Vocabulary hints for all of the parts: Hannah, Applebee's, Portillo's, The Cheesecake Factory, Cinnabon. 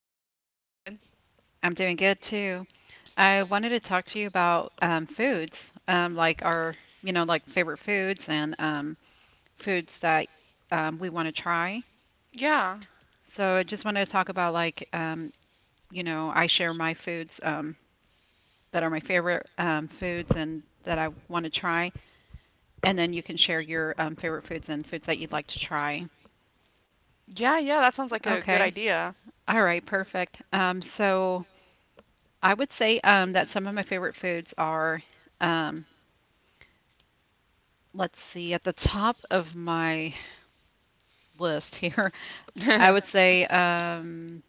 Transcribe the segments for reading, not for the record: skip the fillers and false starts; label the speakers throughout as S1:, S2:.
S1: I'm good.
S2: I'm doing good too. I wanted to talk to you about foods, like our like favorite foods and foods that we want to try.
S1: Yeah.
S2: So I just wanted to talk about I share my foods that are my favorite foods and that I want to try, and then you can share your favorite foods and foods that you'd like to try.
S1: Yeah, yeah, that sounds like a good
S2: Okay.
S1: idea.
S2: All right, perfect. So I would say that some of my favorite foods are um, let's see, at the top of my list here, I would say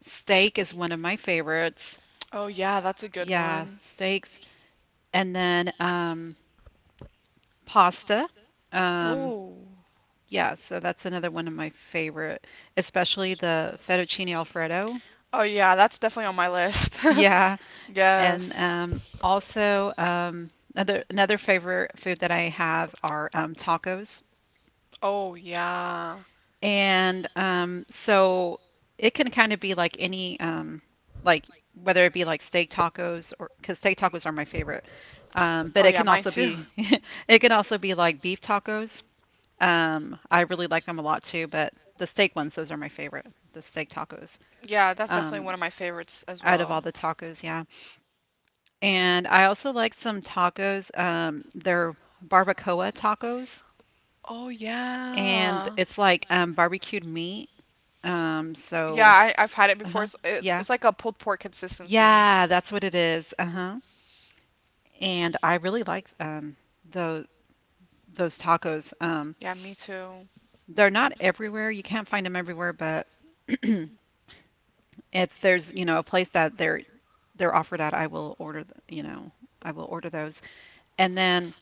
S2: steak is one of my favorites.
S1: Oh, yeah, that's a good
S2: Yeah,
S1: one.
S2: steaks. And then pasta. Um,
S1: Oh.
S2: yeah, so that's another one of my favorite, especially the fettuccine alfredo.
S1: Oh, yeah, that's definitely on my list.
S2: Yeah, and
S1: yes.
S2: also another favorite food that I have are tacos.
S1: Oh, yeah.
S2: And so it can kind of be like like whether it be like steak tacos, or because steak tacos are my favorite, but
S1: Oh,
S2: it
S1: yeah,
S2: can
S1: mine
S2: also
S1: too.
S2: be it can also be like beef tacos. I really like them a lot too, but the steak ones, those are my favorite, the steak tacos.
S1: Yeah, that's definitely
S2: Um,
S1: one of my favorites as
S2: out of
S1: well.
S2: all the tacos, yeah. And I also like some tacos. They're barbacoa tacos,
S1: Oh,
S2: and
S1: yeah.
S2: it's like barbecued meat. Um,
S1: Yeah,
S2: so,
S1: I've had it before.
S2: uh-huh.
S1: It's, it,
S2: Yeah.
S1: it's like a pulled pork consistency.
S2: Yeah, that's what it is. Uh-huh. And I really like those those tacos.
S1: Yeah, me too.
S2: They're not everywhere. You can't find them everywhere, but if there's, you know, a place that they're offered at, I will order, I will order those. And then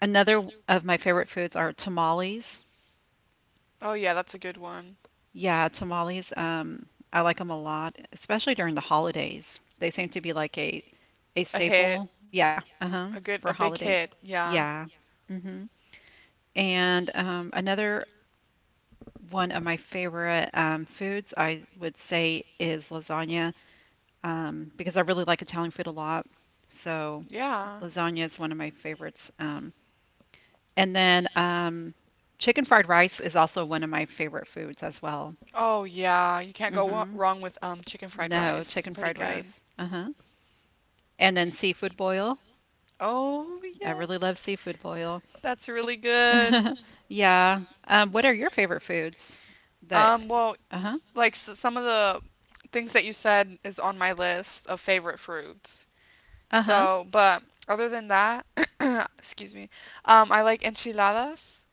S2: another of my favorite foods are tamales.
S1: Oh, yeah, that's a good one.
S2: Yeah, tamales. I like them a lot, especially during the holidays. They seem to be like a
S1: A hit.
S2: staple. Yeah, uh-huh,
S1: A
S2: for
S1: big
S2: holidays.
S1: hit. Yeah.
S2: Yeah. Mm-hmm. And another one of my favorite foods, I would say, is lasagna, because I really like Italian food a lot. So
S1: Yeah.
S2: lasagna is one of my favorites. And then chicken fried rice is also one of my favorite foods as well.
S1: Oh, yeah, you can't go
S2: Hmm.
S1: wrong with chicken fried rice.
S2: No,
S1: It's
S2: chicken
S1: pretty
S2: fried
S1: good.
S2: rice. Uh-huh. And then seafood boil.
S1: Oh,
S2: I really love
S1: yes.
S2: seafood boil.
S1: That's really good.
S2: Yeah. What are your favorite foods that,
S1: Well,
S2: uh-huh.
S1: like s some of the things that you said is on my list of favorite foods.
S2: Uh-huh.
S1: So, but other than that, excuse me, I like enchiladas.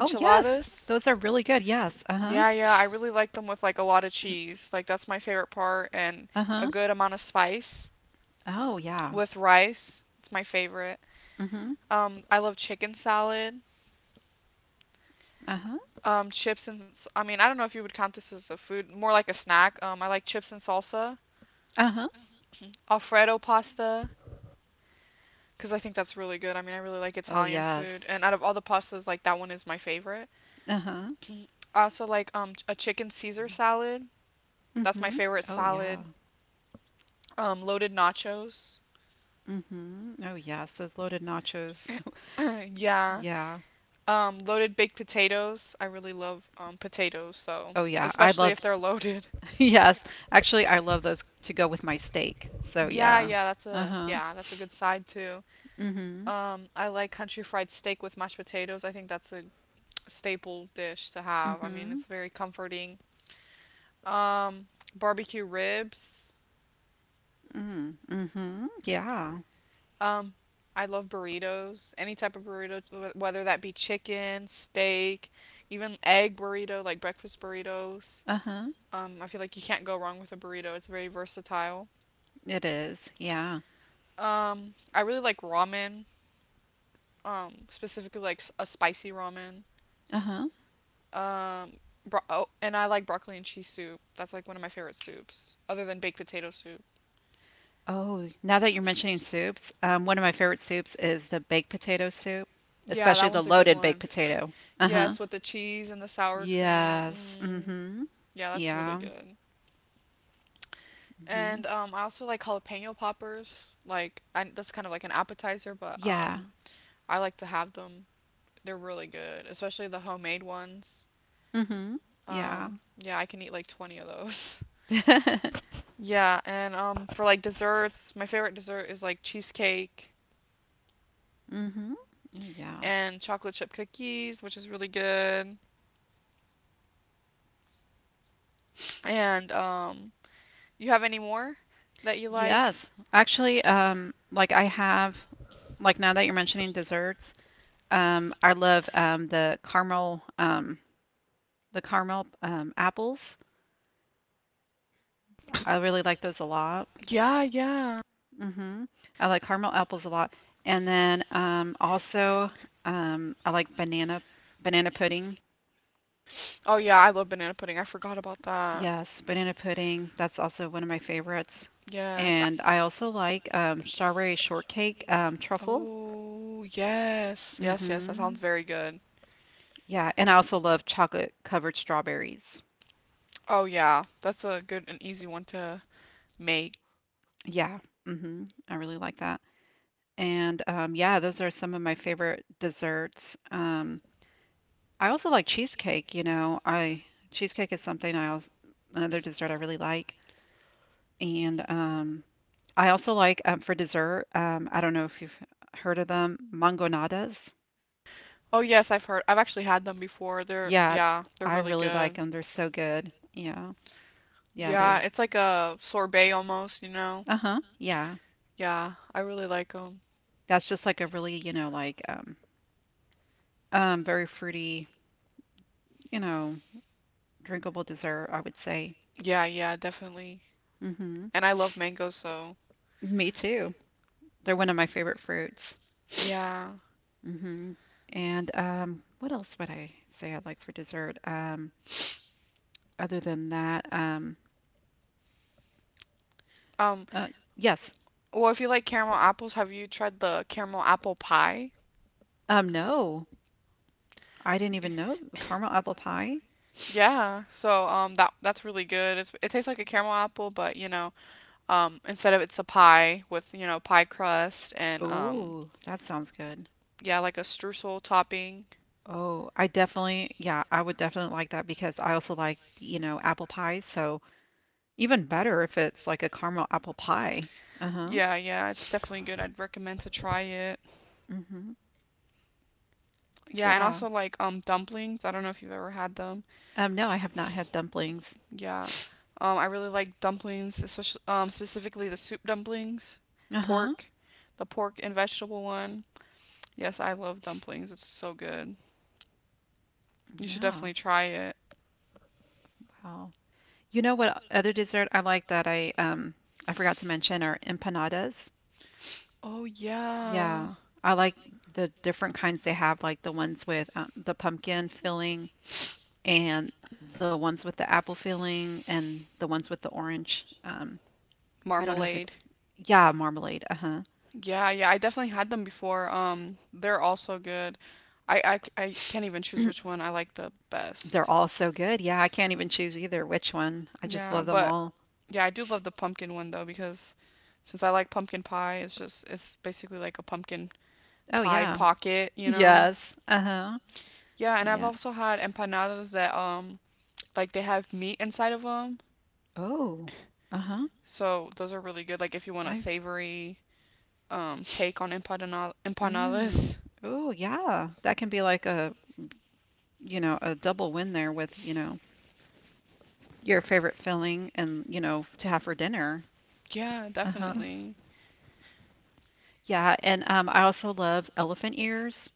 S2: Oh, yes. Those are really good. Yes. Uh-huh.
S1: Yeah, yeah, I really like them with like a lot of cheese. Like that's my favorite part, and a
S2: Uh-huh.
S1: good amount of spice
S2: Oh, yeah.
S1: with rice. It's my favorite.
S2: Mm-hmm.
S1: I love chicken salad.
S2: Uh-huh.
S1: Chips and I mean, I don't know if you would count this as a food, more like a snack. I like chips and salsa,
S2: Uh-huh.
S1: Alfredo pasta, because I think that's really good. I mean, I really like
S2: Oh,
S1: Italian food,
S2: yes.
S1: and out of all the pastas, like that one is my favorite.
S2: Uh-huh.
S1: Also, like a chicken Caesar salad. That's my
S2: Mm-hmm.
S1: favorite
S2: Oh, yeah.
S1: salad. Loaded nachos.
S2: Mm-hmm. Oh, yes. Those loaded nachos.
S1: yeah.
S2: Yeah.
S1: Loaded baked potatoes. I really love potatoes, so
S2: Oh, yeah. I
S1: especially
S2: love,
S1: if they're loaded.
S2: yes. Actually, I love those to go with my steak. So,
S1: Yeah,
S2: yeah. Uh-huh.
S1: yeah, that's a good side too.
S2: Mm-hmm.
S1: I like country fried steak with mashed potatoes. I think that's a staple dish to have. I mean,
S2: Mm-hmm.
S1: it's very comforting. Um Barbecue ribs.
S2: Mm-hmm. Mm-hmm. Yeah.
S1: Um, I love burritos. Any type of burrito, whether that be chicken, steak, even egg burrito, like breakfast burritos.
S2: Uh-huh.
S1: I feel like you can't go wrong with a burrito. It's very versatile.
S2: It is. Yeah.
S1: I really like ramen. Specifically, like a spicy ramen.
S2: Uh-huh.
S1: Um, oh, and I like broccoli and cheese soup. That's like one of my favorite soups, other than baked potato soup.
S2: Oh, now that you're mentioning soups, one of my favorite soups is the baked potato soup,
S1: Yeah,
S2: especially
S1: that
S2: the
S1: one's a good
S2: loaded baked
S1: one.
S2: potato. Uh-huh.
S1: Yes, with the cheese and the sour cream.
S2: Yes.
S1: Mm,
S2: Mm-hmm.
S1: yeah, that's really
S2: Yeah.
S1: good.
S2: Mm-hmm.
S1: And I also like jalapeno poppers. Like, that's kind of like an appetizer, but
S2: Yeah.
S1: I like to have them. They're really good, especially the homemade ones.
S2: Mm-hmm. Yeah.
S1: Yeah, I can eat like 20 of those. Yeah, and for like desserts, my favorite dessert is like cheesecake
S2: Mm-hmm. Oh, yeah.
S1: and chocolate chip cookies, which is really good. And you have any more that you like?
S2: Yes. Actually, like I have, like now that you're mentioning desserts, I love the caramel apples. I really like those a lot.
S1: Yeah, yeah.
S2: Hmm. I like caramel apples a lot. And then also I like banana pudding.
S1: Oh, yeah, I love banana pudding. I forgot about that.
S2: Yes, banana pudding. That's also one of my favorites.
S1: Yes.
S2: And I also like strawberry shortcake, truffle.
S1: Oh, yes. Yes, yes, that
S2: Hmm.
S1: sounds very good.
S2: Yeah, and I also love chocolate covered strawberries.
S1: Oh, yeah. That's a good and easy one to make.
S2: Yeah, hmm, I really like that. And yeah, those are some of my favorite desserts. I also like cheesecake, you know. I cheesecake is something I also another dessert I really like. And I also like for dessert, I don't know if you've heard of them, mangonadas.
S1: Oh, yes, I've heard. I've actually had them before. They're,
S2: Yeah,
S1: yeah, they're
S2: I
S1: really
S2: really like
S1: good.
S2: them. They're so good. Yeah. Yeah,
S1: Yeah,
S2: they're
S1: it's like a sorbet almost, you know?
S2: uh-huh. Yeah.
S1: Yeah, I really like them.
S2: That's just like a really very fruity, you know, drinkable dessert, I would say.
S1: Yeah, yeah, definitely.
S2: Mhm.
S1: And I love mango, so
S2: Me too. They're one of my favorite fruits.
S1: yeah.
S2: Mhm. And, what else would I say I'd like for dessert? Other than that, um,
S1: Um,
S2: uh, yes.
S1: well, if you like caramel apples, have you tried the caramel apple pie?
S2: No, I didn't
S1: Y-
S2: even know caramel apple pie.
S1: Yeah, so that's really good. It tastes like a caramel apple, but instead of, it's a pie with, you know, pie crust, and
S2: Oh, that sounds good.
S1: yeah, like a streusel topping.
S2: Oh, I definitely, yeah, I would definitely like that because I also like, you know, apple pie. So even better if it's like a caramel apple pie. Uh-huh.
S1: Yeah, yeah, it's definitely good. I'd recommend to try it.
S2: Mm-hmm.
S1: Yeah, and
S2: Yeah.
S1: also like dumplings. I don't know if you've ever had them.
S2: No, I have not had dumplings.
S1: Yeah. I really like dumplings, especially specifically the soup dumplings,
S2: Uh-huh.
S1: pork, the pork and vegetable one. Yes, I love dumplings. It's so good. You should
S2: Yeah.
S1: definitely try it.
S2: Wow. You know what other dessert I like that I forgot to mention are empanadas.
S1: Oh, yeah.
S2: Yeah, I like the different kinds they have, like the ones with the pumpkin filling and the ones with the apple filling and the ones with the orange. I don't know if it's,
S1: Marmalade.
S2: yeah, marmalade. Uh-huh.
S1: Yeah, yeah, I definitely had them before. They're also good. I I can't even choose which one I like the
S2: They're
S1: best.
S2: all so good. Yeah, I can't even choose either which one. I just
S1: Yeah,
S2: love them
S1: but
S2: all.
S1: yeah, I do love the pumpkin one though because since I like pumpkin pie, it's basically like a pumpkin
S2: Oh
S1: pie
S2: yeah.
S1: pocket, you know?
S2: Yes. Uh-huh.
S1: Yeah, and I've
S2: Yeah.
S1: also had empanadas that like they have meat inside of them.
S2: Oh. Uh-huh.
S1: So those are really good, like if you want a
S2: I
S1: savory take on
S2: mm.
S1: empanadas.
S2: Oh yeah. That can be like a, you know, a double win there with, you know, your favorite filling and, you know, to have for dinner.
S1: Yeah,
S2: Uh-huh.
S1: definitely.
S2: Yeah, and I also love elephant ears.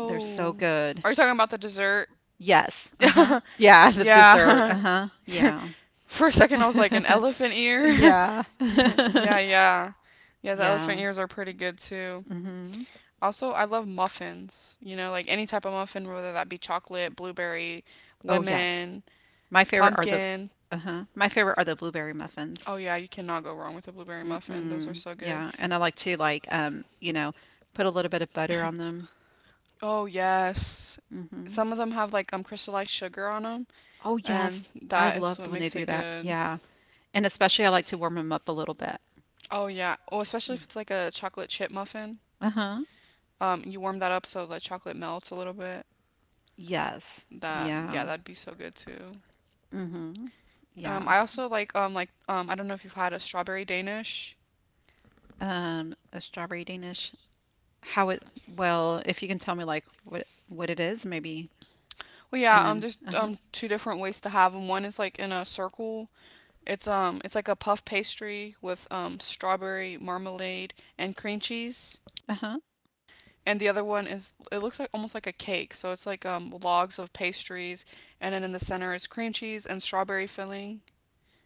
S2: They're so good.
S1: are you talking about the dessert?
S2: Yes. Uh-huh. Yeah, the dessert.
S1: yeah.
S2: Uh-huh. Yeah.
S1: For a second, I was like, an elephant ear.
S2: Yeah.
S1: yeah, yeah, yeah. The elephant
S2: Yeah.
S1: ears are pretty good too.
S2: Mm-hmm.
S1: Also, I love muffins. You know, like any type of muffin, whether that be chocolate, blueberry,
S2: Oh, yes.
S1: lemon,
S2: My favorite are the
S1: pumpkin.
S2: uh-huh. My favorite are the blueberry muffins.
S1: Oh, yeah, you cannot go wrong with a blueberry muffin. Those are
S2: Mm-mm.
S1: so good.
S2: Yeah, and I like to like you know, put a little bit of butter on them.
S1: Oh, yes.
S2: Mm-hmm.
S1: Some of them have like crystallized sugar on them,
S2: Oh,
S1: and
S2: yes. I
S1: that is
S2: love
S1: what
S2: when they
S1: makes
S2: do
S1: it
S2: that.
S1: good.
S2: Yeah. And especially I like to warm them up a little bit.
S1: Oh, yeah. Oh, especially
S2: Yeah.
S1: if it's like a chocolate chip muffin.
S2: Uh-huh.
S1: You warm that up so the chocolate melts a little bit.
S2: Yes.
S1: That Yeah,
S2: Yeah.
S1: that'd be so good too.
S2: Mm-hmm. Yeah.
S1: I also like I don't know if you've had a strawberry Danish.
S2: A strawberry Danish. How it, well, if you can tell me like what it is, maybe.
S1: Well, yeah.
S2: And then
S1: There's
S2: uh-huh.
S1: two different ways to have them. One is like in a circle. It's like a puff pastry with strawberry marmalade and cream cheese,
S2: Uh-huh.
S1: and the other one is, it looks like almost like a cake. So it's like, logs of pastries, and then in the center is cream cheese and strawberry filling.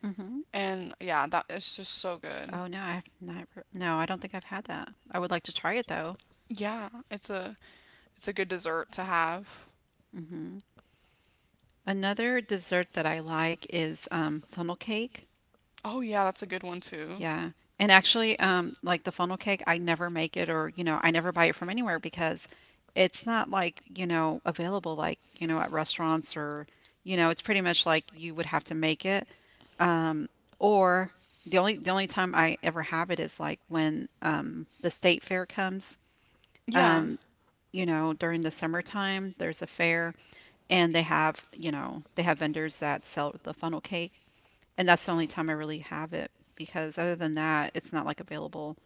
S2: Mm-hmm.
S1: And yeah, that it's just so good.
S2: Oh no, I've never no, I don't think I've had that. I would like to try it though.
S1: Yeah, it's a good dessert to have.
S2: Mm-hmm. Another dessert that I like is funnel cake.
S1: Oh, yeah, that's a good one too.
S2: Yeah. And actually, like the funnel cake, I never make it or, you know, I never buy it from anywhere because it's not like, you know, available like, you know, at restaurants or, you know, it's pretty much like you would have to make it. Um, or the only time I ever have it is like when the state fair comes.
S1: Yeah.
S2: Um, you know, during the summertime, there's a fair and they have, you know, they have vendors that sell the funnel cake, and that's the only time I really have it, because other than that, it's not like available.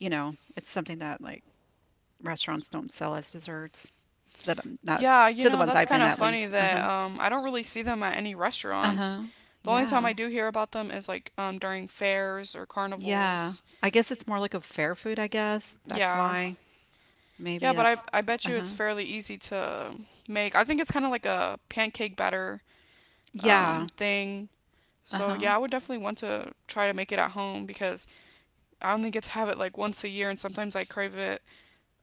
S2: You know, it's something that like restaurants don't sell as desserts. That I'm not
S1: Yeah, you
S2: to the
S1: know,
S2: ones
S1: that's
S2: I've
S1: kind
S2: been,
S1: of
S2: at
S1: funny
S2: least. Uh
S1: that
S2: huh.
S1: I don't really see them at any
S2: Uh
S1: restaurants.
S2: huh.
S1: The only time
S2: Yeah.
S1: I do hear about them is like during fairs or
S2: Yeah.
S1: carnivals.
S2: I guess it's more like a fair food. I guess that's
S1: Yeah.
S2: why.
S1: Yeah,
S2: Maybe
S1: but I
S2: that's.
S1: I bet
S2: Uh
S1: you
S2: huh.
S1: it's fairly easy to make. I think it's kind of like a pancake batter
S2: Yeah.
S1: thing.
S2: Uh
S1: So
S2: huh.
S1: yeah, I would definitely want to try to make it at home because I only get to have it like once a year, and sometimes I crave it,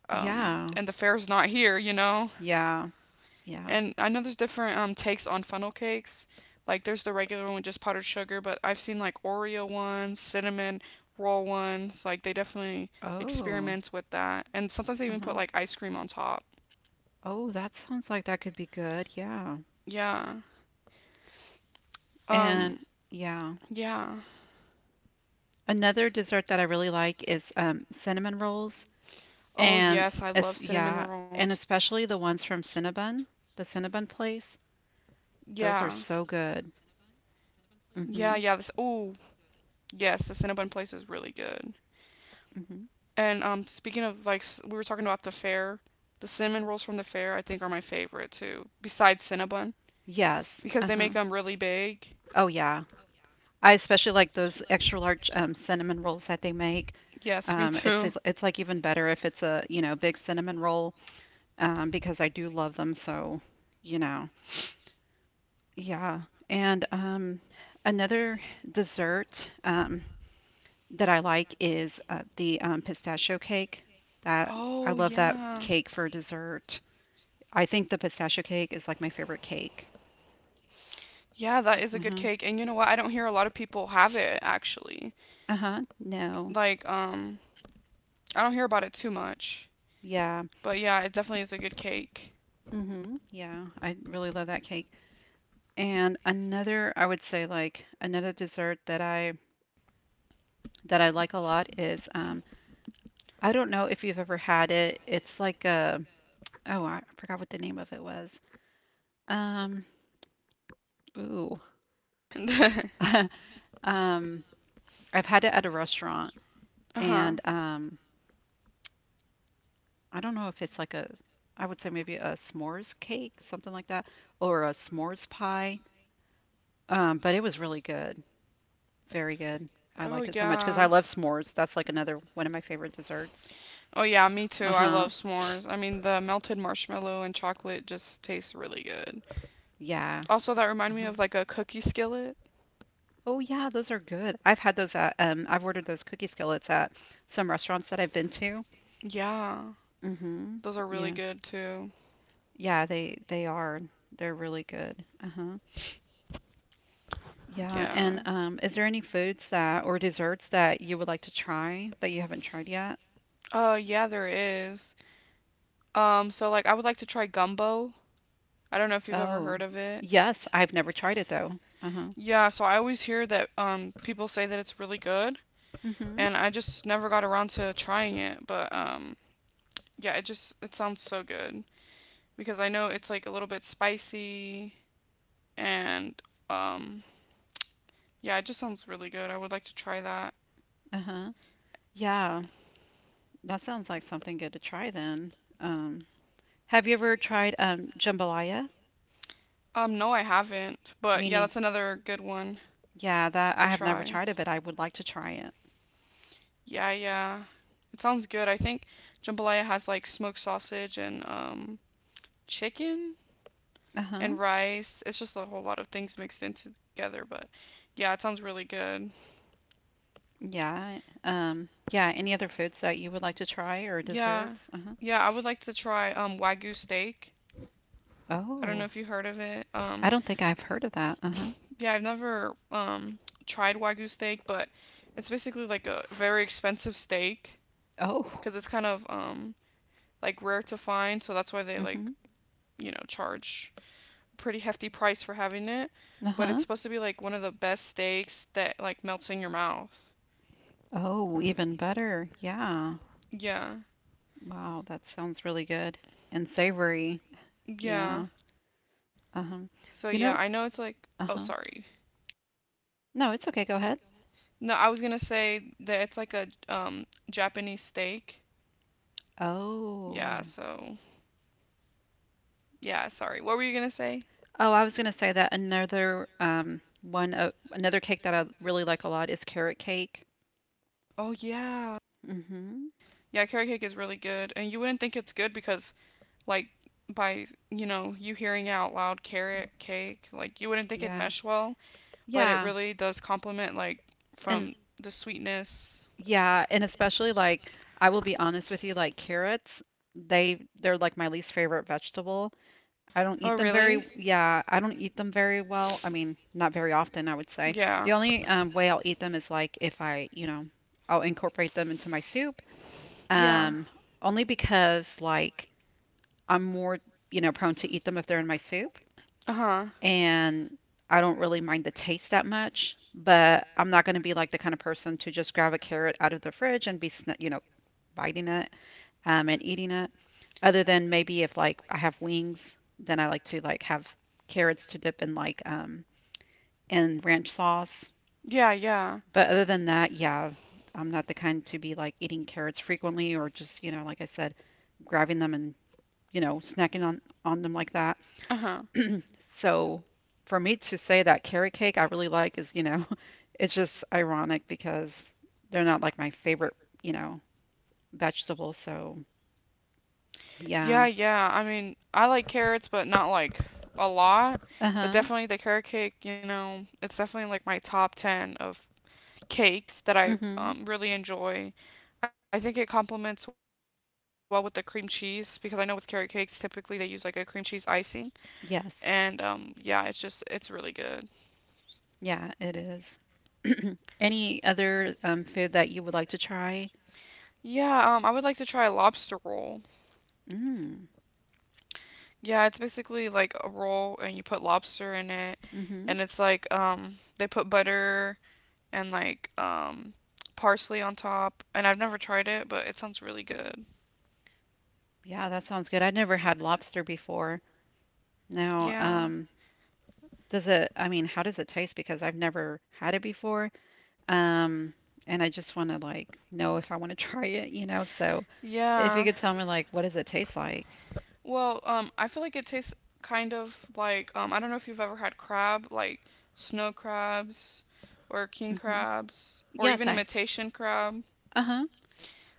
S2: Yeah.
S1: and the fair's not here.
S2: Yeah. Yeah.
S1: And I know there's different takes on funnel cakes. Like there's the regular one with just powdered sugar, but I've seen like Oreo ones, cinnamon roll ones. Like, they definitely
S2: Oh.
S1: experiment with that. And sometimes they
S2: Uh
S1: even
S2: huh.
S1: put like ice cream on top.
S2: Oh, that sounds like that could be good. Yeah.
S1: Yeah.
S2: And
S1: Um
S2: yeah.
S1: Yeah.
S2: Another dessert that I really like is cinnamon rolls,
S1: Oh,
S2: and
S1: yes, I love cinnamon
S2: yeah, and
S1: rolls.
S2: especially the ones from Cinnabon, the Cinnabon
S1: Yeah.
S2: place. Those are so good.
S1: Yeah, yeah. This. Oh,
S2: Hmm.
S1: yes. The Cinnabon place is really good. And
S2: Hmm.
S1: speaking of, like, we were talking about the fair. The cinnamon rolls from the fair, I think, are my favorite too. Besides Cinnabon, because they make
S2: Yes.
S1: them really
S2: Uh-huh.
S1: big.
S2: Oh yeah. I especially like those extra large cinnamon rolls that they make.
S1: Yes, me too.
S2: Like even better if it's a, you know, big cinnamon roll, because I do love them. So, you know, yeah. And another dessert, that I like is the pistachio cake. That
S1: Oh,
S2: I love that
S1: yeah.
S2: cake for dessert. I think the pistachio cake is like my favorite cake.
S1: Yeah, that is a good cake. And you know
S2: Uh-huh.
S1: what? I don't hear a lot of people have it, actually.
S2: Uh-huh.
S1: Like,
S2: No.
S1: I don't hear about it too much.
S2: Yeah.
S1: But yeah, it definitely is a good cake.
S2: Mm-hmm. Yeah. I really love that cake. And another, I would say, like another dessert that I like a lot is I don't know if you've ever had it. It's like a oh, I forgot what the name of it was. Um, ooh. Um, I've had it at a restaurant
S1: Uh-huh.
S2: and I don't know if it's like a, I would say maybe a s'mores cake, something like that, or a s'mores pie. But it was really good, very good. I
S1: Oh,
S2: liked it so much because I
S1: yeah.
S2: love s'mores. That's like another one of my favorite desserts.
S1: Oh, yeah, me too.
S2: Uh
S1: I
S2: huh.
S1: love s'mores. I mean, the melted marshmallow and chocolate just tastes really good.
S2: Yeah.
S1: Also, that remind me
S2: Uh-huh.
S1: of like a cookie skillet.
S2: Oh yeah, those are good. I've had those at, I've ordered those cookie skillets at some restaurants that I've been to.
S1: Yeah,
S2: Mm-hmm.
S1: those are really
S2: Yeah.
S1: good too.
S2: Yeah, they are. They're really good. Uh-huh. Yeah,
S1: Yeah.
S2: and is there any foods that or desserts that you would like to try that you haven't tried yet?
S1: Yeah, there is. So like, I would like to try gumbo. I don't know if you've ever
S2: Oh,
S1: heard of it.
S2: yes, I've never tried it though. Uh-huh.
S1: Yeah, so I always hear that people say that it's really good,
S2: Mm-hmm.
S1: and I just never got around to trying it, but yeah, it just it sounds so good because I know it's like a little bit spicy, and um yeah, it just sounds really good. I would like to try that.
S2: Uh-huh. Yeah, that sounds like something good to try then. Um, have you ever tried jambalaya?
S1: No, I haven't, but yeah,
S2: Meaning,
S1: that's another good one
S2: yeah, that I
S1: to
S2: have never
S1: try.
S2: tried it, but I would like to try it.
S1: Yeah, yeah. It sounds good. I think jambalaya has like smoked sausage and chicken
S2: Uh-huh.
S1: and rice. It's just a whole lot of things mixed in together, but yeah, it sounds really good.
S2: Yeah. Yeah, any other foods that you would like to try or
S1: Yeah.
S2: desserts? Uh-huh.
S1: Yeah, I would like to try wagyu steak. I don't know
S2: Oh,
S1: if you heard of it.
S2: I don't think I've heard of that. Uh-huh.
S1: Yeah, I've never tried wagyu steak, but it's basically like a very expensive steak
S2: Oh.
S1: cuz it's kind of like rare to find, so that's why they
S2: Mm-hmm.
S1: charge pretty hefty price for having it, but it's
S2: Uh-huh.
S1: supposed to be like one of the best steaks that like melts in your mouth.
S2: Oh, even better. Yeah.
S1: Yeah.
S2: Wow, that sounds really good and savory.
S1: Yeah.
S2: Yeah. Uh-huh.
S1: So yeah,
S2: You
S1: I
S2: know,
S1: know, it's like oh,
S2: uh-huh.
S1: sorry.
S2: No, it's okay. Go ahead.
S1: No, I was gonna say that it's like a Japanese steak. Yeah,
S2: Oh.
S1: so yeah, sorry. What were you gonna say?
S2: Oh, I was gonna say that another cake that I really like a lot is carrot cake.
S1: Oh, yeah.
S2: Mm-hmm.
S1: Yeah, carrot cake is really good. And you wouldn't think it's good because like, by you know, you hearing out loud, carrot cake, like you wouldn't think it'd
S2: Yeah.
S1: mesh well, but it
S2: Yeah.
S1: really does complement like
S2: And
S1: from the sweetness.
S2: yeah, and especially like I will be honest with you, like carrots, they're like my least favorite vegetable.
S1: Oh, really?
S2: I don't eat them very well. I mean, not very often, I would say. The
S1: Yeah.
S2: only way I'll eat them is like if I, you know, I'll incorporate them into my soup.
S1: Yeah.
S2: Um, only because like I'm more, you know, prone to eat them if they're in my soup,
S1: Uh huh.
S2: and I don't really mind the taste that much. But I'm not going to be like the kind of person to just grab a carrot out of the fridge and be, biting it and eating it. Other than maybe if like I have wings, then I like to like have carrots to dip in like in ranch sauce.
S1: Yeah, yeah.
S2: But other than that, yeah, I'm not the kind to be like eating carrots frequently or just you know like I said, grabbing them and you know snacking on them like that.
S1: Uh huh.
S2: So for me to say that carrot cake I really like is you know it's just ironic because they're not like my favorite you know vegetable. So yeah,
S1: Yeah, yeah. I mean, I like carrots, but not like a lot.
S2: uh
S1: But
S2: huh.
S1: definitely the carrot cake, it's definitely like my top 10 of cakes that I
S2: Mm-hmm.
S1: really enjoy. I think it complements well with the cream cheese because I know with carrot cakes, typically they use like a cream cheese icing. And
S2: Yes.
S1: Yeah, it's just, it's really good.
S2: Yeah, it is. Any other food that you would like to try?
S1: Yeah, I would like to try a lobster roll.
S2: Mm.
S1: Yeah, it's basically like a roll and you put lobster in it,
S2: Mm-hmm.
S1: and it's like, they put butter and like, parsley on top. And I've never tried it, but it sounds really good.
S2: Yeah, that sounds good. I've never had lobster before. Now,
S1: Yeah,
S2: does it, I mean, how does it taste? Because I've never had it before. Um, and I just want to like know if I want to try it, you know? So if you
S1: yeah.
S2: could tell me like what does it taste like?
S1: Well, I feel like it tastes kind of like, I don't know if you've ever had crab, like snow crabs or king
S2: Mm-hmm.
S1: crabs or
S2: Yes,
S1: even
S2: I.
S1: imitation crab.
S2: Uh-huh.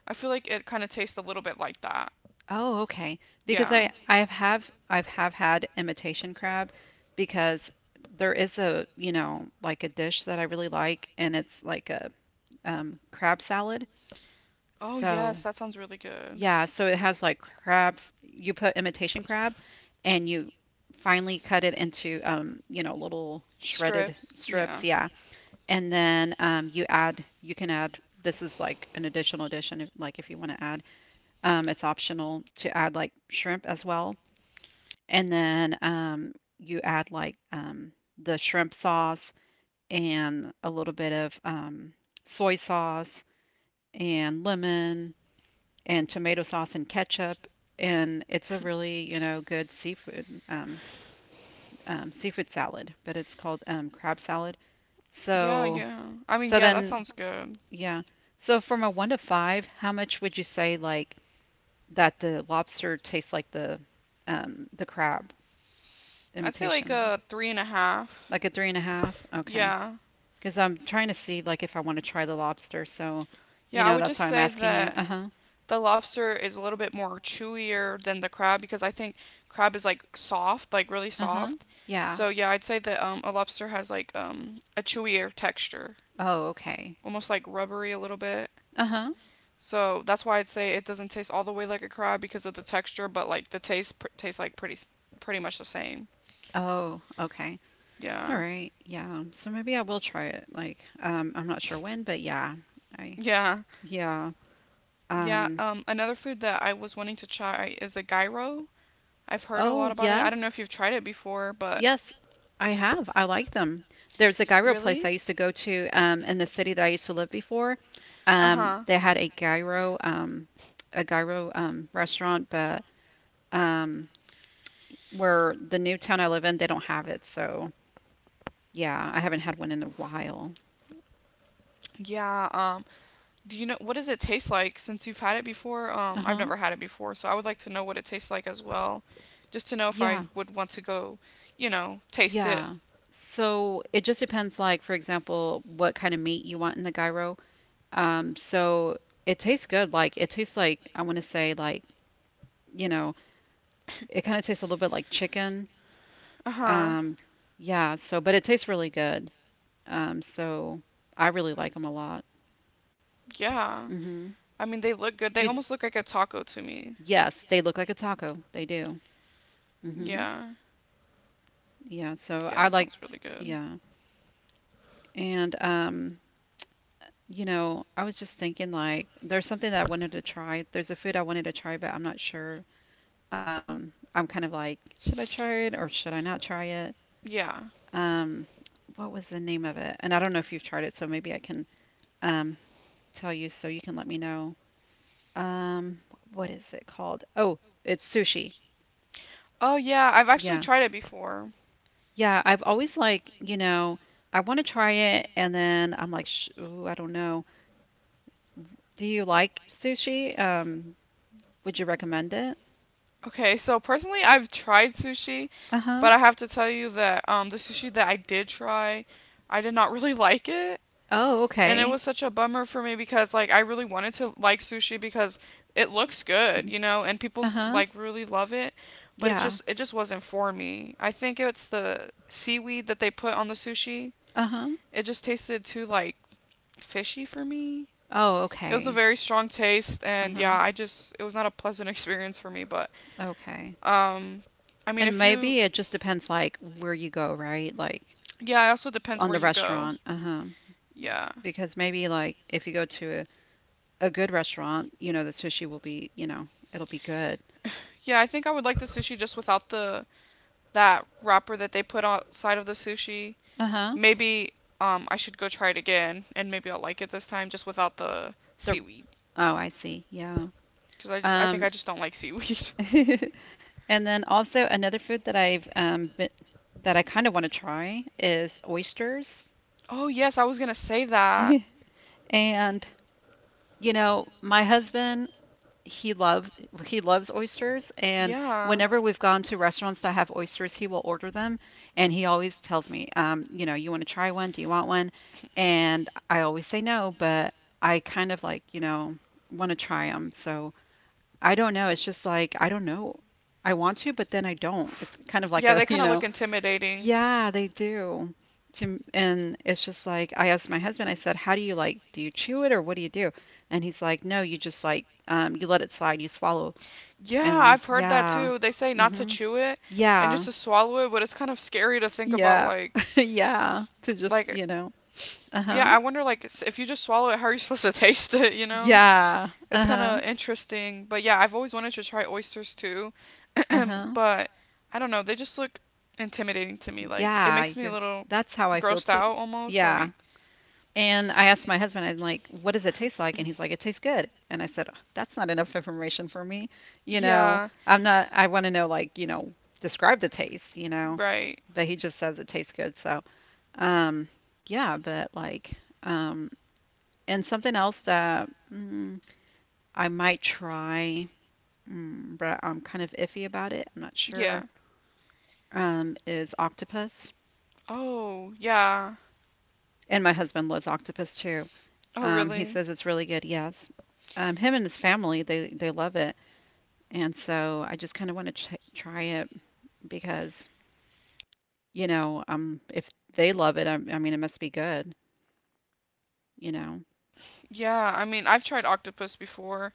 S1: I feel like it kind of tastes a little bit like that.
S2: Oh, okay. Because
S1: Yeah.
S2: I have I've have had imitation crab because there is a, you know, like a dish that I really like and it's like a crab salad.
S1: Oh,
S2: So,
S1: yes, that sounds really good.
S2: yeah, so it has like crabs, you put imitation crab and you finely cut it into you know, little shredded
S1: Strips. Yeah.
S2: strips, yeah. And then you add you can add this is like an additional addition if, like if you want to add it's optional to add like shrimp as well and then you add like the shrimp sauce and a little bit of soy sauce and lemon and tomato sauce and ketchup. And it's a really, you know, good seafood salad, but it's called crab salad.
S1: Yeah,
S2: So,
S1: yeah. I mean,
S2: so
S1: yeah, that
S2: then,
S1: sounds good.
S2: yeah. So from a one to five, how much would you say like that the lobster tastes like the crab?
S1: I'd say like
S2: Imitation?
S1: a 3.5.
S2: Like a three and a half? Okay.
S1: Yeah.
S2: Because I'm trying to see like if I want to try the lobster. So, you
S1: Yeah, I
S2: know,
S1: would
S2: that's
S1: just
S2: why I'm
S1: say
S2: asking you.
S1: that
S2: Uh-huh.
S1: the lobster is a little bit more chewier than the crab because I think crab is like soft, like really
S2: Uh-huh.
S1: soft.
S2: Yeah.
S1: So yeah, I'd say that a lobster has like, a chewier texture,
S2: Oh, okay.
S1: almost like rubbery a little bit.
S2: Uh-huh.
S1: So that's why I'd say it doesn't taste all the way like a crab because of the texture, but like the taste tastes like pretty much the same.
S2: Oh, okay. All
S1: Yeah.
S2: right. Yeah. So maybe I will try it. Like, I'm not sure when, but yeah. I
S1: Yeah.
S2: yeah.
S1: Yeah,
S2: Um,
S1: another food that I was wanting to try is a gyro. I've heard a
S2: oh,
S1: lot about it. I don't know
S2: yes.
S1: if you've tried it before, but,
S2: Yes, I have. I like them. There's a gyro place
S1: really?
S2: I used to go to in the city that I used to live before.
S1: Uh-huh.
S2: They had a gyro restaurant, but um, where the new town I live in, they don't have it. So yeah, I haven't had one in a while.
S1: Yeah, do you know what does it taste like since you've had it before? I've
S2: Uh-huh.
S1: never had it before, so I would like to know what it tastes like as well, just to know if I
S2: Yeah,
S1: would want to go, taste it.
S2: yeah. So it just depends, like, for example, what kind of meat you want in the gyro. So it tastes good. Like, it tastes like, I want to say, like, you know, it kind of tastes a little bit like chicken.
S1: Uh huh.
S2: Um, yeah, so but it tastes really good. So I really like them a lot.
S1: Yeah.
S2: Hmm.
S1: I mean, they look good. They
S2: You,
S1: almost look like a taco to me.
S2: yes, they look like a taco. They do. Hmm.
S1: Yeah.
S2: Yeah, so
S1: Yeah,
S2: I
S1: that
S2: like,
S1: sounds really good.
S2: yeah. And you know, I was just thinking like there's something that I wanted to try. There's a food I wanted to try, but I'm not sure. I'm kind of like, should I try it or should I not try it?
S1: Yeah.
S2: Um, what was the name of it? And I don't know if you've tried it, so maybe I can um tell you so you can let me know. Um, what is it called? Oh, it's sushi.
S1: Oh, yeah. I've actually
S2: Yeah.
S1: tried it before.
S2: Yeah, I've always like, you know, I want to try it and then I'm like, Sh ooh, I don't know. Do you like sushi? Would you recommend it?
S1: Okay, so personally, I've tried sushi,
S2: Uh-huh.
S1: but I have to tell you that the sushi that I did try, I did not really like it.
S2: Oh,
S1: And it
S2: okay.
S1: was such a bummer for me because, like, I really wanted to like sushi because it looks good, and people,
S2: Uh-huh.
S1: like, really love it. But it
S2: Yeah.
S1: just, it just wasn't for me. I think it's the seaweed that they put on the sushi.
S2: Uh-huh.
S1: It just tasted too, like, fishy for me.
S2: Oh,
S1: It was a
S2: okay.
S1: very strong taste, and
S2: Uh-huh.
S1: yeah, I just, it was not a pleasant experience for me, but
S2: Okay.
S1: um, I mean,
S2: And
S1: if you,
S2: maybe it just depends like where you go, right? Like
S1: yeah, it also depends
S2: on
S1: where
S2: the
S1: you go.
S2: restaurant. Uh-huh.
S1: Yeah,
S2: Because maybe like if you go to a good restaurant, you know, the sushi will be, you know, it'll be good.
S1: yeah, I think I would like the sushi just without the that wrapper that they put outside of the sushi.
S2: Uh-huh.
S1: Maybe I should go try it again, and maybe I'll like it this time just without the
S2: The
S1: seaweed,
S2: oh, I see. Yeah.
S1: because I think
S2: Um,
S1: I just don't like seaweed.
S2: and then also another food that I've been, that I kind of want to try is oysters.
S1: Oh yes, I was gonna say that.
S2: And you know, my husband he loves he loves oysters and
S1: Yeah.
S2: whenever we've gone to restaurants that have oysters he will order them and he always tells me you know you want to try one do you want one and I always say no but I kind of like you know want to try them so I don't know. It's just like, I don't know. I want to, but then I don't. It's kind of like
S1: Yeah,
S2: a,
S1: they
S2: you
S1: kind of look
S2: know,
S1: intimidating.
S2: yeah, they do. And it's just like, I asked my husband, I said, how do you like, do you chew it or what do you do? And he's like, no, you just like, you let it slide, you swallow.
S1: Yeah,
S2: And
S1: I've heard that
S2: yeah.
S1: too. They say not to
S2: Hmm.
S1: chew it and just
S2: Yeah.
S1: to swallow it, but it's kind of scary to think about,
S2: Yeah.
S1: like,
S2: Yeah. To just,
S1: like
S2: you know,
S1: yeah,
S2: uh-huh.
S1: I wonder like, if you just swallow it, how are you supposed to taste it? You know,
S2: Yeah.
S1: it's kind
S2: Uh-huh.
S1: of interesting. But yeah, I've always wanted to try oysters too,
S2: Uh-huh.
S1: but I don't know. They just look intimidating to me. Like it
S2: Yeah,
S1: makes me a
S2: you're
S1: little
S2: that's how I feel
S1: grossed
S2: too.
S1: out almost.
S2: Yeah,
S1: Like,
S2: and I asked my husband, I'm like, what does it taste like? And he's like, it tastes good. And I said, that's not enough information for me. You know,
S1: yeah,
S2: I'm not, I want to know, like, you know, describe the taste, you know,
S1: right,
S2: but he just says it tastes good. So, um, yeah, but like, um, and something else that I might try, but I'm kind of iffy about it. I'm not sure,
S1: yeah.
S2: is octopus.
S1: Oh yeah.
S2: And my husband loves octopus too.
S1: Oh
S2: He
S1: really?
S2: says it's really good. Yes. Him and his family, they love it, and so I just kind of want to try it because you know, if they love it, I mean, it must be good. You know.
S1: Yeah. I mean, I've tried octopus before,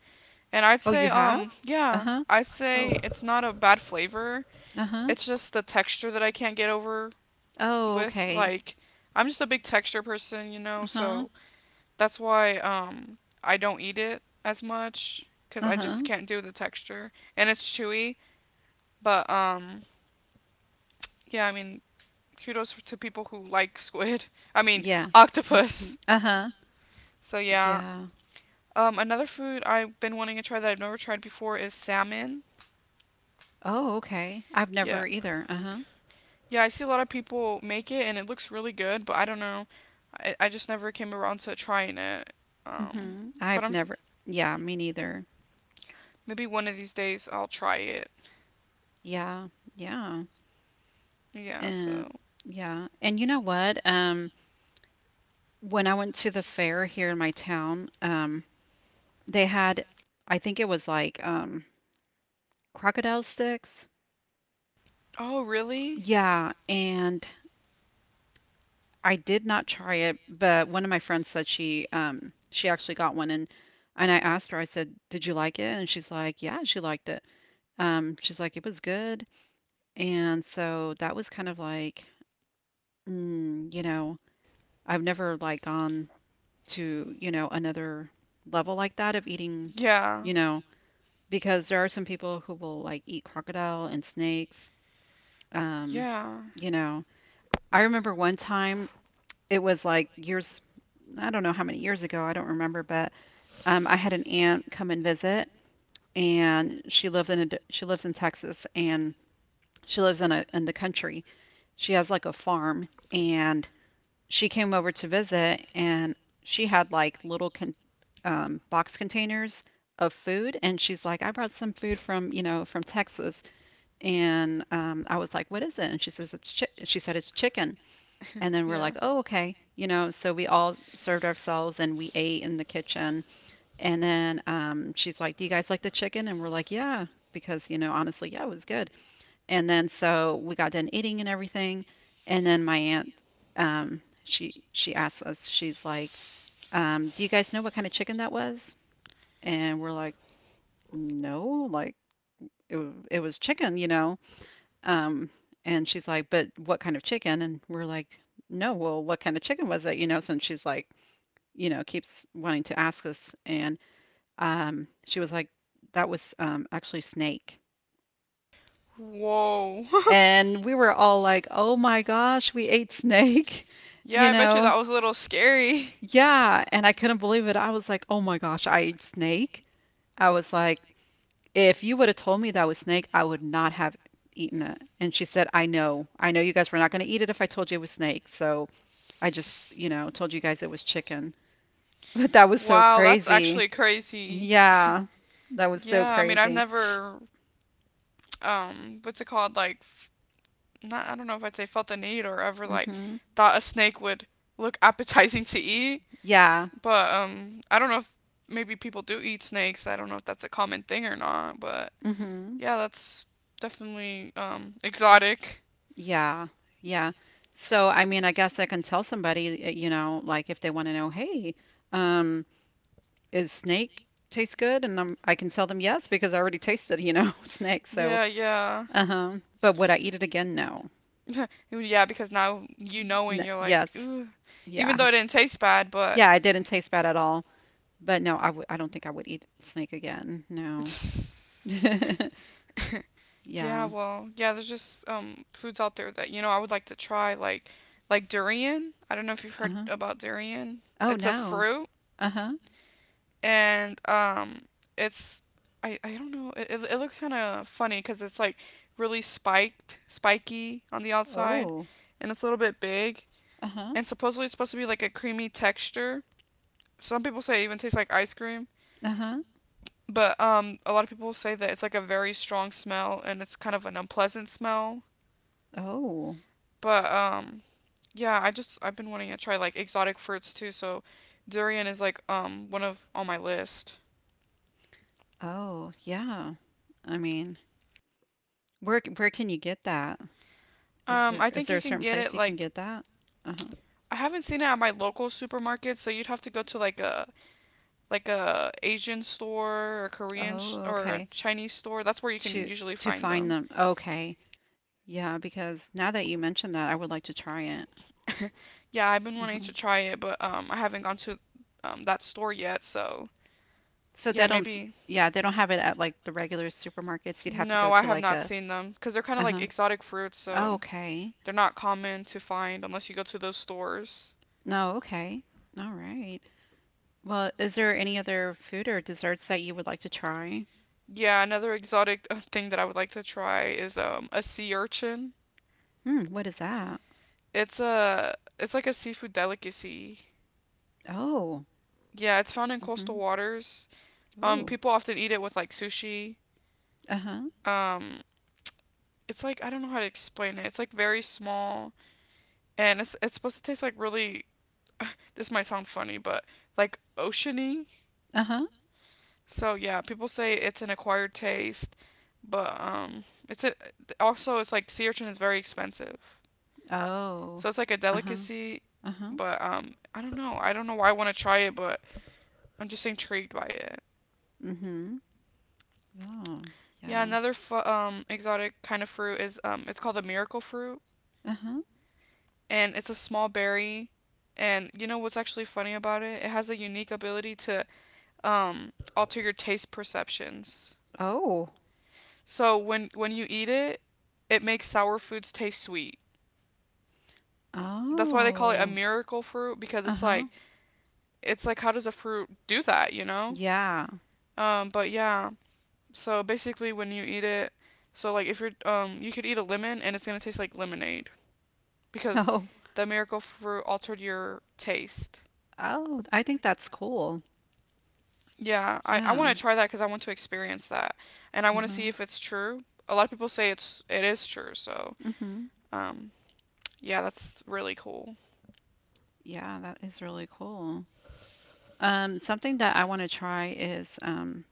S1: and I'd
S2: Oh,
S1: say,
S2: you have? Uh
S1: yeah,
S2: huh.
S1: I'd
S2: Oh.
S1: say it's not a bad flavor.
S2: Uh huh.
S1: It's just the texture that I can't get over
S2: Oh,
S1: with.
S2: okay.
S1: Like, I'm just a big texture person,
S2: Uh huh.
S1: so that's why I don't eat it as much because
S2: Uh
S1: I
S2: huh.
S1: just can't do the texture. And it's chewy, but yeah, I mean, kudos to people who like squid. I mean,
S2: Yeah.
S1: octopus.
S2: Uh huh.
S1: So yeah.
S2: Yeah.
S1: Another food I've been wanting to try that I've never tried before is salmon.
S2: Oh, okay. I've
S1: Yeah,
S2: never either. Uh huh.
S1: yeah, I see a lot of people make it and it looks really good, but I don't know. I just never came around to trying it. Um,
S2: Mhm.
S1: but
S2: I've
S1: I'm
S2: never. Yeah, me neither.
S1: maybe one of these days I'll try it.
S2: Yeah. Yeah.
S1: Yeah,
S2: Um,
S1: so.
S2: yeah. And you know what? When I went to the fair here in my town, they had, I think it was like crocodile sticks.
S1: Oh, really?
S2: Yeah, and I did not try it, but one of my friends said she actually got one and I asked her, I said, "Did you like it?" And she's like, "Yeah, she liked it." She's like, "It was good." And so that was kind of like, mm, you know, I've never like gone to, you know, another level like that of eating,
S1: Yeah.
S2: you know, because there are some people who will like eat crocodile and snakes. Um,
S1: Yeah.
S2: you know, I remember one time it was like years, I don't know how many years ago, I don't remember, but I had an aunt come and visit and she lived in a, d- she lives in Texas and she lives in a in the country. She has like a farm and she came over to visit and she had like little box containers of food and she's like I brought some food from you know from Texas and I was like what is it and she says she said it's chicken and then we're
S1: Yeah.
S2: like oh okay you know so we all served ourselves and we ate in the kitchen and then she's like do you guys like the chicken and we're like yeah because you know honestly yeah it was good and then so we got done eating and everything. And then my aunt, she asked us, she's like, "Do you guys know what kind of chicken that was?" And we're like, "No, like it was chicken, you know." Um, and she's like, "But what kind of chicken?" And we're like, "No, well, what kind of chicken was it?" You know, since she's like, you know, keeps wanting to ask us. And she was like, "That was actually snake."
S1: Whoa.
S2: And we were all like, "Oh my gosh, we ate snake,"
S1: Yeah,
S2: you
S1: I bet you
S2: know?
S1: that was a little scary.
S2: Yeah, and I couldn't believe it. I was like, "Oh my gosh, I ate snake." I was like, "If you would have told me that was snake, I would not have eaten it." And she said, "I know. I know you guys were not going to eat it if I told you it was snake. So I just, told you guys it was chicken." But that was so
S1: Wow, that's
S2: crazy.
S1: actually crazy.
S2: Yeah. That was so
S1: Yeah, I mean, I've
S2: crazy.
S1: never, what's it called, like, not, I don't know if I'd say felt the need or ever like
S2: Mhm.
S1: thought a snake would look appetizing to eat. Yeah.
S2: Yeah.
S1: But I don't know if maybe people do eat snakes. I don't know if that's a common thing or not, but
S2: Mhm.
S1: yeah, that's definitely exotic.
S2: Yeah, yeah. So, I mean, I guess I can tell somebody, like if they want to know, hey, um, is snake taste good? And I can tell them yes because I already tasted, snake. So,
S1: Yeah, yeah.
S2: uh-huh. But would I eat it again? No.
S1: Yeah, because now you knowing
S2: N
S1: you're like,
S2: Yes.
S1: ooh, even
S2: Yeah.
S1: though it didn't taste bad, but...
S2: Yeah, I didn't taste bad at all. But no, I don't think I would eat snake again. No.
S1: Yeah,
S2: Yeah.
S1: well, yeah, there's just foods out there that, I would like to try like, durian. I don't know if you've heard
S2: Uh-huh.
S1: about durian.
S2: Oh,
S1: It's a
S2: no.
S1: fruit,
S2: Uh-huh.
S1: and it's, I don't know. It looks kind of funny cuz it's like really spiky on the outside,
S2: Oh.
S1: and it's a little bit big,
S2: Uh-huh.
S1: and supposedly it's supposed to be like a creamy texture. Some people say it even tastes like ice cream,
S2: Uh-huh.
S1: but a lot of people say that it's like a very strong smell, and it's kind of an unpleasant smell.
S2: Oh.
S1: But yeah, I just I've been wanting to try like exotic fruits too, so durian is like, one of on my list.
S2: Oh, yeah. I mean, where can you get that? Is there
S1: I
S2: is
S1: think
S2: there
S1: you
S2: a
S1: can
S2: certain
S1: get it
S2: place you can
S1: like,
S2: get that? Uh-huh.
S1: I haven't seen it at my local supermarket, so you'd have to go to like a Asian store, or
S2: Oh,
S1: or a
S2: okay.
S1: Chinese store. That's where you can
S2: To
S1: usually
S2: to
S1: find
S2: find
S1: them.
S2: them. Okay. Yeah, because now that you mentioned that, I would like to try it.
S1: Yeah, I've been wanting
S2: Uh-huh.
S1: to try it, but I haven't gone to that store yet, so
S2: So
S1: yeah,
S2: they don't,
S1: maybe.
S2: yeah, they don't have it at like the regular supermarkets. You'd have to
S1: No,
S2: go
S1: I
S2: to
S1: have
S2: like
S1: not
S2: a,
S1: seen them because they're kind of like
S2: uh-huh.
S1: exotic fruits,
S2: Oh,
S1: so
S2: okay.
S1: they're not common to find unless you go to those stores.
S2: No, okay. All right. Well, is there any other food or desserts that you would like to try?
S1: Yeah, another exotic thing that I would like to try is a sea urchin.
S2: Hmm, what is that?
S1: It's like a seafood delicacy.
S2: Oh.
S1: Yeah, it's found in
S2: Mm-hmm.
S1: coastal waters.
S2: Ooh.
S1: People often eat it with like sushi.
S2: Uh-huh.
S1: Um, it's like, I don't know how to explain it. It's like very small, and it's supposed to taste like, really. This might sound funny, but, like, oceany.
S2: Uh-huh.
S1: So yeah, people say it's an acquired taste, but also it's like sea urchin is very expensive.
S2: Oh.
S1: So it's like a
S2: Uh-huh.
S1: delicacy,
S2: Uh-huh.
S1: but I don't know. I don't know why I want to try it, but I'm just intrigued by it.
S2: Mhm. Yeah.
S1: Yeah,
S2: Yeah.
S1: another exotic kind of fruit is it's called a miracle fruit,
S2: Uh-huh.
S1: and it's a small berry. And you know what's actually funny about it? It has a unique ability to alter your taste perceptions.
S2: Oh.
S1: So when you eat it, it makes sour foods taste sweet. That's why they call it a
S2: Oh.
S1: miracle fruit because it's
S2: Uh-huh.
S1: like it's like how does a fruit do that, you know?
S2: Yeah.
S1: But yeah. So basically, when you eat it, so like, if you're you could eat a lemon and it's gonna taste like lemonade because
S2: Oh.
S1: the miracle fruit altered your taste.
S2: Oh, I think that's cool.
S1: Yeah, I
S2: Yeah.
S1: want to try that because I want to experience that, and I want to
S2: Uh-huh.
S1: see if it's true. A lot of people say it is true, so
S2: Mhm.
S1: um, yeah, that's really cool.
S2: Yeah, that is really cool. Something that I want to try is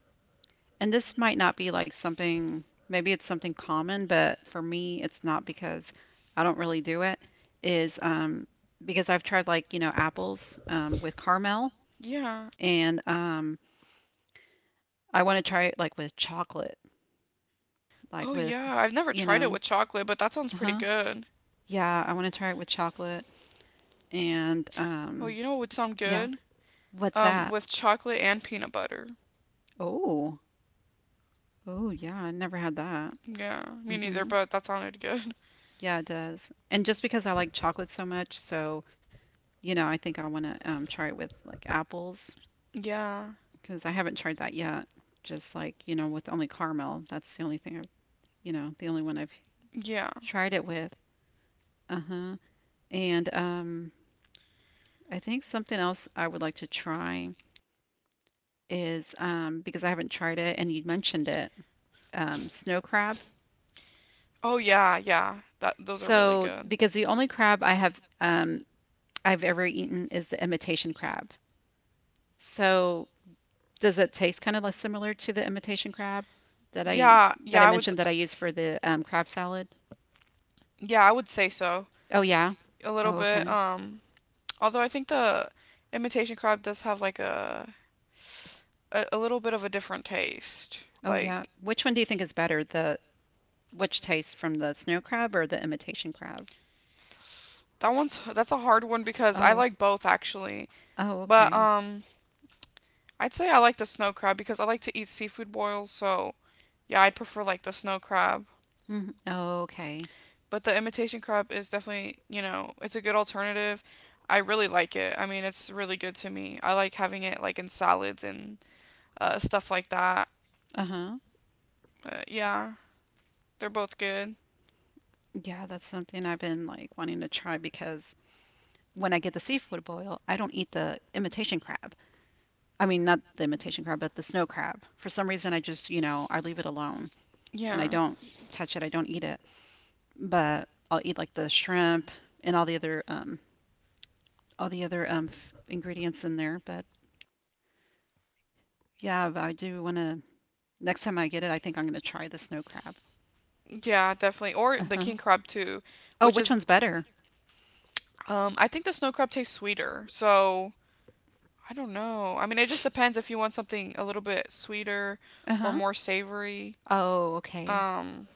S2: and this might not be like something, maybe it's something common, but for me it's not because I don't really do it is because I've tried like, apples with caramel,
S1: Yeah.
S2: and I want to try it like with chocolate, like
S1: Oh
S2: with,
S1: yeah, I've never
S2: you
S1: tried it
S2: know,
S1: with chocolate, but that sounds
S2: uh
S1: pretty
S2: huh.
S1: good.
S2: Yeah, I want to try it with chocolate. And
S1: Oh,
S2: um,
S1: you know what would sound
S2: yeah,
S1: good?
S2: what's that?
S1: With chocolate and peanut butter.
S2: Oh, oh, yeah, I never had that.
S1: Yeah, me neither,
S2: Hmm
S1: but that sounded good.
S2: Yeah, it does. And just because I like chocolate so much, so, I think I want to try it with like apples
S1: Yeah.
S2: because I haven't tried that yet. Just like, with only caramel. That's the only thing I've, the only one I've
S1: Yeah.
S2: tried it with. Uh-huh. And I think something else I would like to try is because I haven't tried it and you mentioned it, snow crab.
S1: Oh yeah, yeah. That those are really so
S2: So,
S1: good.
S2: because the only crab I have I've ever eaten is the imitation crab. So, does it taste kind of like similar to the imitation crab that I
S1: Yeah, yeah,
S2: that I
S1: I would
S2: mentioned that I use for
S1: foundation
S2: the crab salad?
S1: that I use for the card palette. Yeah, I would say so.
S2: Oh yeah.
S1: A little
S2: Oh,
S1: bit,
S2: okay.
S1: although I think the imitation crab does have like a little bit of a different taste.
S2: Oh yeah.
S1: Like,
S2: Which one do you think is better, the which tastes from the snow crab or the imitation crab?
S1: that's a hard one because I
S2: Oh,
S1: like both actually.
S2: oh
S1: But
S2: okay.
S1: I'd say I like the snow crab because I like to eat seafood boils, so yeah, I'd prefer like the snow crab.
S2: Mhm. Oh okay.
S1: But the imitation crop is definitely, you know, it's a good alternative. I really like it. I mean, it's really good to me. I like having it like in salads and, stuff like that.
S2: Uh-huh.
S1: But yeah, they're both good.
S2: Yeah, that's something I've been like wanting to try because when I get the seafood boil, I don't eat the imitation crab. I mean, not the imitation crab, but the snow crab. For some reason, I just, you know, I leave it alone and I
S1: Yeah.
S2: don't touch it. I don't eat it. But I'll eat like the shrimp and all the other f ingredients in there. But yeah, but I do want to next time I get it, I think I'm going to try the snow crab.
S1: Yeah, definitely. Or the
S2: Uh-huh.
S1: king crab too,
S2: Oh,
S1: which
S2: which
S1: is
S2: one's better?
S1: I think the snow crab tastes sweeter. So, I don't know. I mean, it just depends if you want something a little bit sweeter or
S2: Uh-huh.
S1: more savory.
S2: Oh, okay.
S1: Um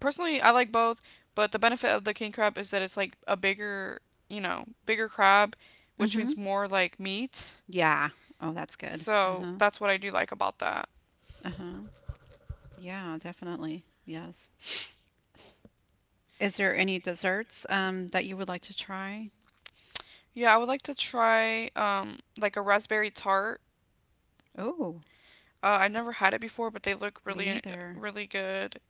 S1: personally, I like both, but the benefit of the king crab is that it's like a bigger, you know, bigger crab, which
S2: Mm-hmm.
S1: means more like meat.
S2: Yeah. Oh, that's good.
S1: So
S2: Uh-huh.
S1: that's what I do like about that.
S2: Uh-huh. Yeah, definitely. Yes. Is there any desserts that you would like to try?
S1: Yeah, I would like to try like a raspberry tart.
S2: Oh,
S1: I never had it before, but they look
S2: me
S1: really,
S2: neither.
S1: really good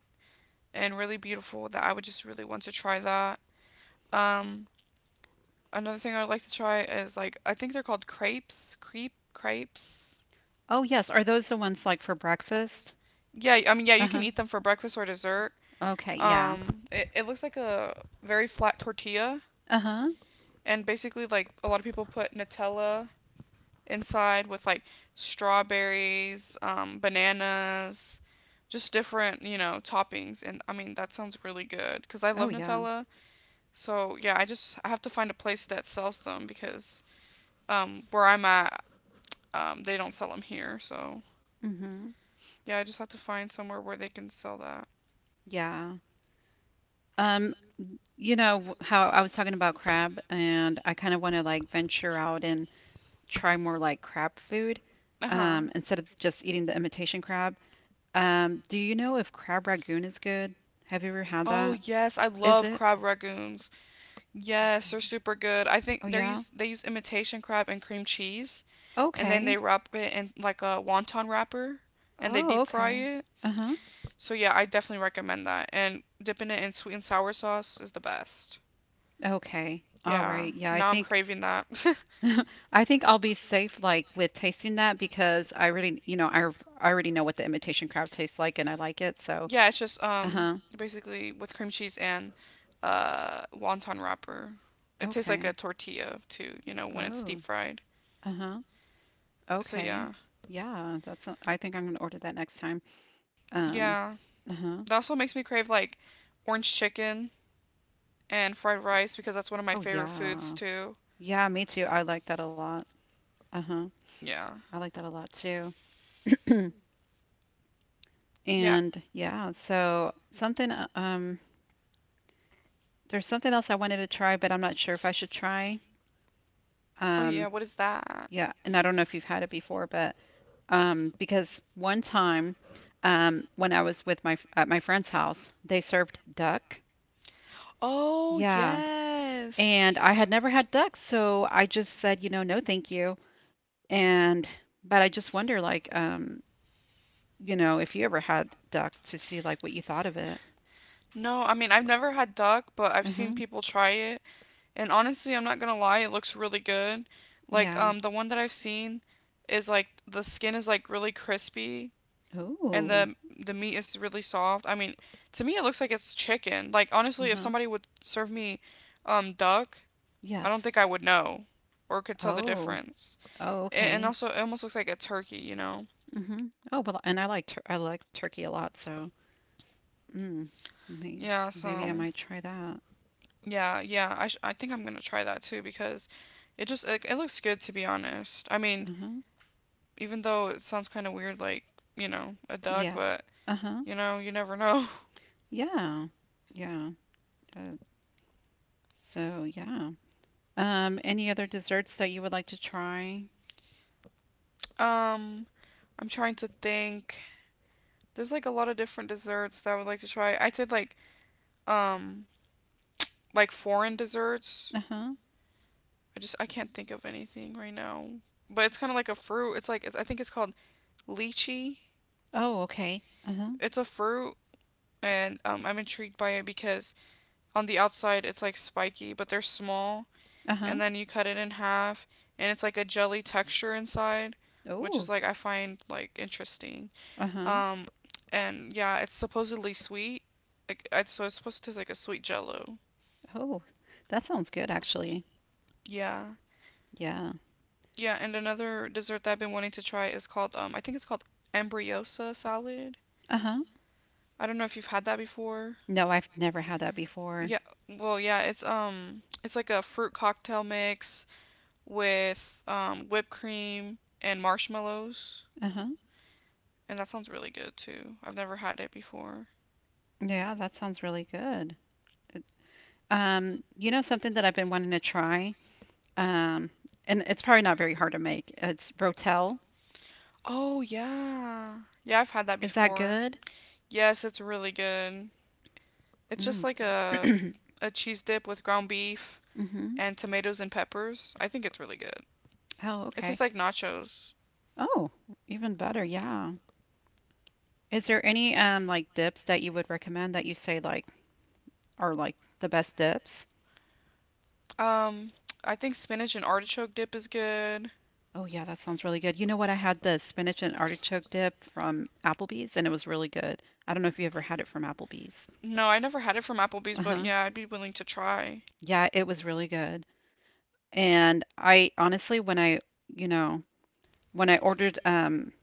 S1: and really beautiful. That I would just really want to try that. Um, another thing I'd like to try is, like, I think they're called crepes, crepes.
S2: Oh, yes. Are those the ones like for breakfast?
S1: Yeah, I mean, yeah, you can
S2: Uh-huh.
S1: eat them for breakfast or dessert.
S2: Okay, yeah.
S1: It looks like a very flat tortilla,
S2: Uh-huh.
S1: and basically, like, a lot of people put Nutella inside with, like, strawberries, bananas, just different, you know, toppings. And I mean, that sounds really good because I
S2: Oh,
S1: love
S2: yeah.
S1: Nutella. So, yeah, I have to find a place that sells them because, where I'm at, they don't sell them here. So,
S2: Mm-hmm.
S1: yeah, I just have to find somewhere where they can sell that.
S2: Yeah. Um, you know how I was talking about crab, and I kind of want to like venture out and try more like crab food,
S1: Uh huh.
S2: instead of just eating the imitation crab. Do you know if crab ragoon is good? Have you ever had
S1: Oh
S2: that?
S1: yes, I
S2: Is
S1: love
S2: it?
S1: crab ragoons. Yes, they're super good. I think
S2: Oh
S1: they
S2: yeah.
S1: use they use imitation crab and cream cheese, and then they
S2: Okay.
S1: wrap it in like a wonton wrapper, and they
S2: Oh,
S1: deep fry
S2: okay.
S1: it.
S2: Uh-huh.
S1: So yeah, I definitely recommend that. And dipping it in sweet and sour sauce is the best.
S2: Okay. All
S1: Yeah,
S2: right. Yeah, I
S1: now I'm
S2: think
S1: craving that.
S2: I think I'll be safe like with tasting that because I already, I already know what the imitation crab tastes like and I like it. So,
S1: Yeah, it's just
S2: uh-huh.
S1: basically with cream cheese and wonton wrapper. It tastes like a
S2: Okay.
S1: tortilla too, you know, when it's deep
S2: Oh,
S1: fried.
S2: uh-huh.
S1: So
S2: Okay.
S1: yeah,
S2: Yeah, I think I'm gonna order that next time. Um,
S1: yeah.
S2: uh-huh.
S1: That also makes me crave like orange chicken and fried rice because that's one of my
S2: Oh
S1: favorite foods
S2: yeah.
S1: too.
S2: Yeah, me too. I like that a lot. Uh-huh.
S1: Yeah.
S2: I like that a lot too.
S1: Yeah.
S2: And yeah, so something there's something else I wanted to try, but I'm not sure if I should try.
S1: Oh yeah,
S2: Um,
S1: what is that?
S2: yeah, and I don't know if you've had it before, but because one time, when I was with at my friend's house, they served duck.
S1: Oh
S2: Yeah,
S1: yes.
S2: and I had never had duck, so I just said, no, thank you. And but I just wonder, like, if you ever had duck to see like what you thought of it.
S1: No, I mean, I've never had duck, but I've
S2: Uh-huh.
S1: seen people try it. And honestly, I'm not gonna lie, it looks really good. Like
S2: Yeah.
S1: the one that I've seen is like the skin is like really crispy and
S2: Oh.
S1: the meat is really soft. I mean, to me it looks like it's chicken. Like honestly, if
S2: Uh-huh.
S1: somebody would serve me duck, I don't
S2: Yes.
S1: think I would know or could tell the
S2: Oh.
S1: difference.
S2: Oh,
S1: And
S2: okay.
S1: also, it almost looks like a turkey, you know?
S2: hmm Oh, well, and I like turkey a lot, so mm, may
S1: Yeah,
S2: maybe I
S1: so
S2: might try that.
S1: yeah, yeah. I think I'm gonna try that too because it looks good, to be honest. I mean,
S2: Uh-huh.
S1: even though it sounds kind of weird, like, you know, a duck,
S2: Yeah.
S1: but
S2: Uh-huh.
S1: you know, you never know.
S2: Yeah. Yeah. Uh, so yeah. Any other desserts that you would like to try?
S1: Um, I'm trying to think. There's like a lot of different desserts that I would like to try. I said um like foreign desserts.
S2: Uh-huh.
S1: I can't think of anything right now. But it's kind of like a fruit. I think it's called lychee.
S2: Oh, okay. Uh-huh.
S1: It's a fruit, and I'm intrigued by it because on the outside it's like spiky, but they're small,
S2: Uh-huh.
S1: and then you cut it in half, and it's like a jelly texture inside, which is
S2: Oh.
S1: like, I find like interesting.
S2: Uh-huh.
S1: Um, and yeah, it's supposedly sweet. So it's supposed to taste like a sweet jello.
S2: Oh, that sounds good actually.
S1: Yeah.
S2: Yeah.
S1: Yeah, and another dessert that I've been wanting to try is called I think it's called embryosa salad.
S2: Uh-huh.
S1: I don't know if you've had that before.
S2: No, I've never had that before.
S1: Yeah, well, yeah, it's like a fruit cocktail mix with whipped cream and marshmallows,
S2: Uh-huh.
S1: and that sounds really good too. I've never had it before.
S2: Yeah, that sounds really good. It- you know something that I've been wanting to try? Um, and it's probably not very hard to make. It's Rotel.
S1: Oh, yeah. Yeah, I've had that
S2: Is that
S1: before.
S2: good?
S1: Yes, it's really good. It's just
S2: Mm.
S1: like a a cheese dip with ground beef
S2: hmm
S1: and tomatoes and peppers. I think it's really good.
S2: Oh,
S1: It
S2: okay.
S1: tastes like nachos.
S2: Oh, even better. Yeah. Is there any like dips that you would recommend that you say like are like the best dips?
S1: Um, I think spinach and artichoke dip is good.
S2: Oh, yeah, that sounds really good. You know what? I had the spinach and artichoke dip from Applebee's and it was really good. I don't know if you ever had it from Applebee's.
S1: No, I never had it from Applebee's, but
S2: Uh-huh.
S1: yeah, I'd be willing to try.
S2: Yeah, it was really good. And I honestly, you know, when I ordered,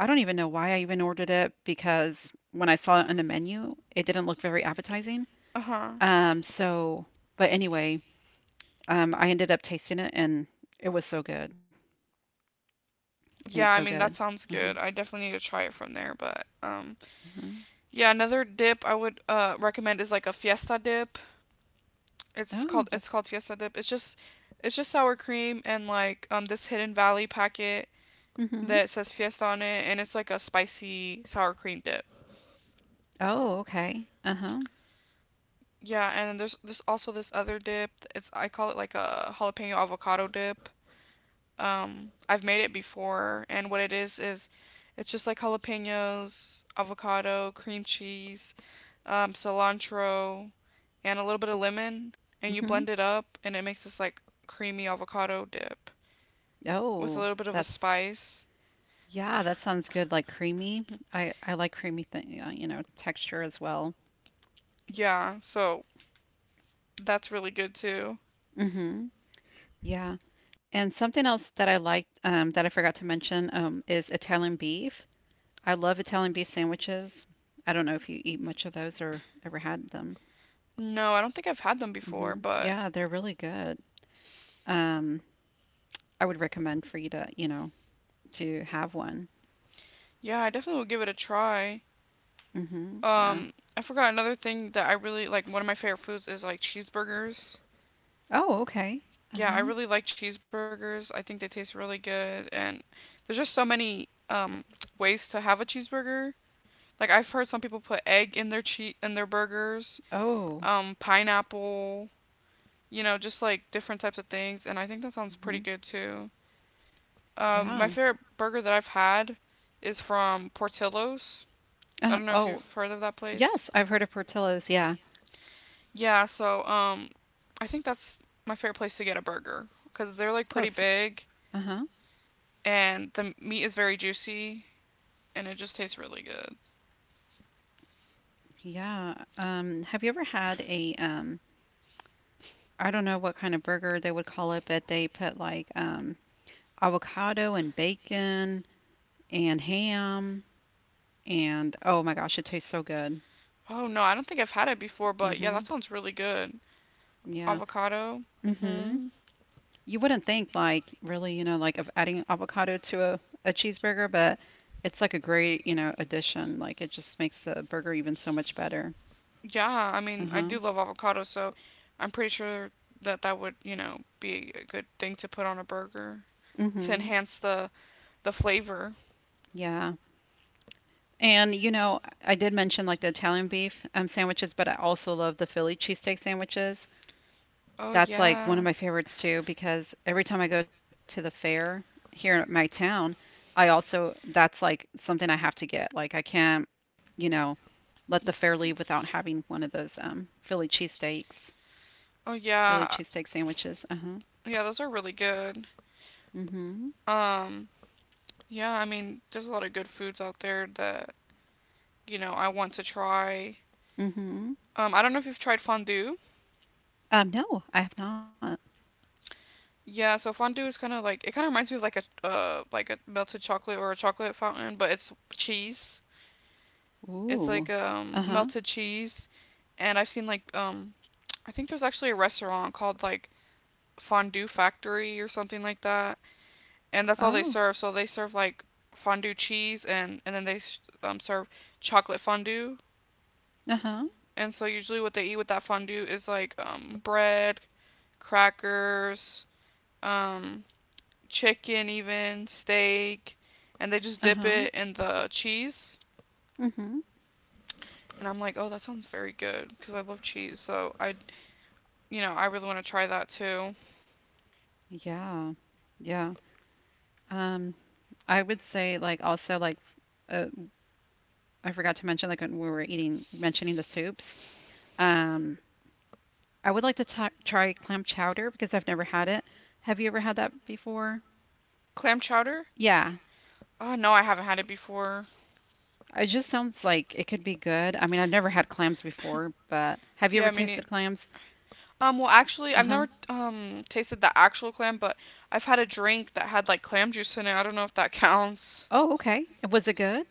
S2: I don't even know why I even ordered it, because when I saw it on the menu, it didn't look very appetizing.
S1: Uh huh.
S2: So, but anyway, I ended up tasting it and it was so good. It was so
S1: Yeah, I mean,
S2: good.
S1: that sounds
S2: Uh-huh,
S1: good. I definitely need to try it from there, but
S2: uh-huh.
S1: yeah, another dip I would recommend is like a fiesta dip. It's
S2: Oh,
S1: called it's
S2: that's.
S1: called fiesta dip. It's just sour cream and like this Hidden Valley packet
S2: Mm-hmm.
S1: that says fiesta on it, and it's like a spicy sour cream dip.
S2: Oh, okay. Uh-huh.
S1: Yeah, and then there's also this other dip. It's, I call it like a jalapeno avocado dip. I've made it before, and what it is it's just like jalapenos, avocado, cream cheese, cilantro, and a little bit of lemon, and you
S2: Mm-hmm.
S1: blend it up, and it makes this like creamy avocado dip with a
S2: Oh,
S1: little bit of a
S2: that's.
S1: spice.
S2: Yeah, that sounds good. Like creamy. I like creamy thing, texture as well.
S1: Yeah, so that's really good too.
S2: Mm-hmm. Yeah. And something else that I liked, that I forgot to mention, is Italian beef. I love Italian beef sandwiches. I don't know if you eat much of those or ever had them.
S1: No, I don't think I've had them before,
S2: Hmm
S1: but
S2: Yeah, they're really good. Um, I would recommend for you to have one.
S1: yeah, I definitely would give it a try.
S2: Hmm Yeah.
S1: I forgot another thing that I really like. One of my favorite foods is like cheeseburgers.
S2: Oh, okay.
S1: Yeah, I
S2: Uh-huh.
S1: really like cheeseburgers. I think they taste really good, and there's just so many ways to have a cheeseburger. Like I've heard some people put egg in their burgers,
S2: Oh.
S1: pineapple, you know, just like different types of things, and I think that sounds pretty
S2: hmm
S1: good too. My
S2: Yeah.
S1: favorite burger that I've had is from Portillo's. I don't know if
S2: Oh,
S1: you've heard of that place.
S2: yes, I've heard of Portillo's. Yeah.
S1: Yeah, so I think that's my favorite place to get a burger because they're like
S2: Oh,
S1: pretty
S2: s
S1: big
S2: uh-huh.
S1: and the meat is very juicy and it just tastes really good.
S2: Yeah. Have you ever had a I don't know what kind of burger they would call it, but they put like avocado and bacon and ham, and oh my gosh, it tastes so good.
S1: Oh no, I don't think I've had it before, but yeah,
S2: Hmm
S1: that sounds really good.
S2: Yeah.
S1: Avocado.
S2: hmm
S1: Mhm.
S2: You wouldn't think like really, like of adding avocado to a cheeseburger, but it's like a great, addition. Like it just makes the burger even so much better.
S1: Yeah, I mean, I
S2: Uh-huh.
S1: do love avocado, so I'm pretty sure that that would, you know, be a good thing to put on a burger to
S2: hmm
S1: enhance the flavor.
S2: Yeah. I did mention like the Italian beef sandwiches, but I also love the Philly cheesesteak sandwiches.
S1: Oh
S2: That's like one of
S1: yeah.
S2: my favorites too, because every time I go to the fair here in my town, that's like something I have to get. Like I can't, you know, let the fair leave without having one of those
S1: Oh
S2: Philly
S1: yeah.
S2: cheesesteak sandwiches. Uh-huh.
S1: Yeah, those are really good.
S2: Mm-hmm.
S1: Um yeah, I mean, there's a lot of good foods out there that, you know, I want to try.
S2: Mm-hmm.
S1: I don't know if you've tried fondue.
S2: No, I have not.
S1: Yeah, so fondue is kind of like, it kind of reminds me of like a melted chocolate or a chocolate fountain, but it's cheese.
S2: Ooh.
S1: It's like
S2: Uh-huh.
S1: melted cheese, and I've seen like I think there's actually a restaurant called like Fondue Factory or something like that, and that's all
S2: Oh.
S1: they serve. So they serve like fondue cheese and then they serve chocolate fondue.
S2: Uh-huh.
S1: And so usually what they eat with that fondue is like bread, crackers, um chicken, even steak, and they just dip
S2: Uh-huh.
S1: it in the cheese.
S2: Mm-hmm.
S1: And I'm like, oh, that sounds very good because I love cheese. So I, you know, I really want to try that too.
S2: Yeah. Yeah. Um, I would say like also like uh, I forgot to mention, like when we were eating, mentioning the soups. Um, I would like to ta try clam chowder because I've never had it. Have you ever had that before?
S1: Clam chowder?
S2: Yeah,
S1: Oh no, I haven't had it before.
S2: it just sounds like it could be good. I mean, I've never had clams before, but have you ever
S1: Yeah, I mean,
S2: tasted clams?
S1: well, actually, I've
S2: Uh-huh.
S1: never tasted the actual clam, but I've had a drink that had like clam juice in it. I don't know if that counts.
S2: Oh, okay. Was it good?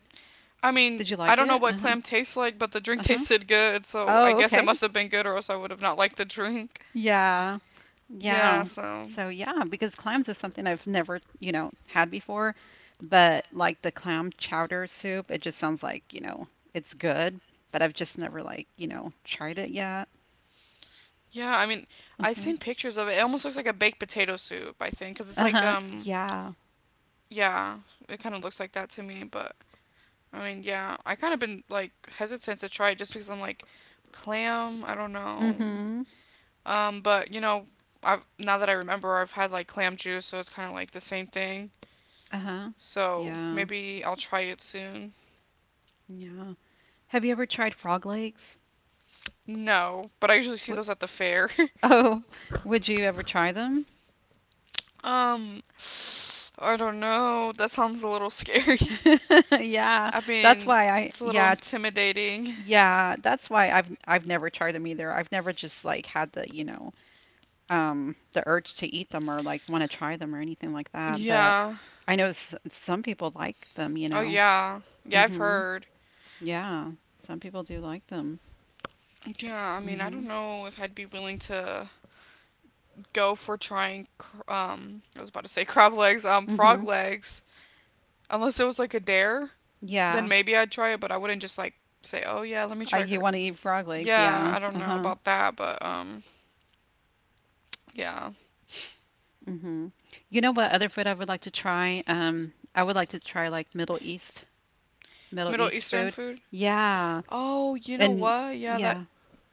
S1: I mean,
S2: Did you
S1: I
S2: like
S1: don't know
S2: it?
S1: what
S2: Uh-huh.
S1: clam tastes like, but the drink
S2: Uh-huh.
S1: tasted good, so I
S2: Oh,
S1: guess it
S2: okay.
S1: must have been good, or else I would have not liked the drink.
S2: Yeah.
S1: Yeah,
S2: Yeah.
S1: so
S2: So yeah, because clams is something I've never, had before, but like the clam chowder soup, it just sounds like, it's good, but I've just never like, tried it yet.
S1: yeah, I mean, I've
S2: Uh-huh.
S1: seen pictures of it. It almost looks like a baked potato soup, I think, because it's like,
S2: Uh-huh. Yeah.
S1: yeah, it kind of looks like that to me. But I mean, yeah, I kind of been like hesitant to try it just because I'm like, clam, I don't know.
S2: Mm-hmm.
S1: But you know, I've now that I remember, I've had like clam juice, so it's kind of like the same thing.
S2: Uh-huh.
S1: So
S2: Yeah.
S1: maybe I'll try it soon.
S2: Yeah. Have you ever tried frog legs?
S1: No, but I usually see
S2: Wh-
S1: those at the fair.
S2: Oh, would you ever try them?
S1: um, I don't know. That sounds a little scary.
S2: Yeah,
S1: I
S2: that's
S1: mean,
S2: why I
S1: it's a little
S2: yeah, it's,
S1: intimidating.
S2: yeah, that's why I've never tried them either. I've never just like had the urge to eat them or like want to try them or anything like that. But
S1: Yeah.
S2: I know some people like them, you
S1: Oh,
S2: know.
S1: yeah. Yeah, I've
S2: Mhm.
S1: heard.
S2: Yeah, some people do like them.
S1: Yeah, I mean, I don't
S2: Mhm.
S1: know if I'd be willing to go for trying, I was about to say crab legs, frog
S2: Mhm.
S1: legs. Unless it was like a dare, then
S2: Yeah.
S1: maybe I'd try it, but I wouldn't just like say, oh yeah, let me try
S2: You
S1: cr-.
S2: want to eat frog legs?
S1: Yeah,
S2: Yeah.
S1: I don't know
S2: Uh-huh.
S1: about that, but yeah.
S2: Mhm. You know what other food I would like to try? I would like to try like Middle
S1: Middle
S2: East
S1: Eastern
S2: food.
S1: food?
S2: Yeah.
S1: Oh, you know
S2: And
S1: what? Yeah, that
S2: yeah.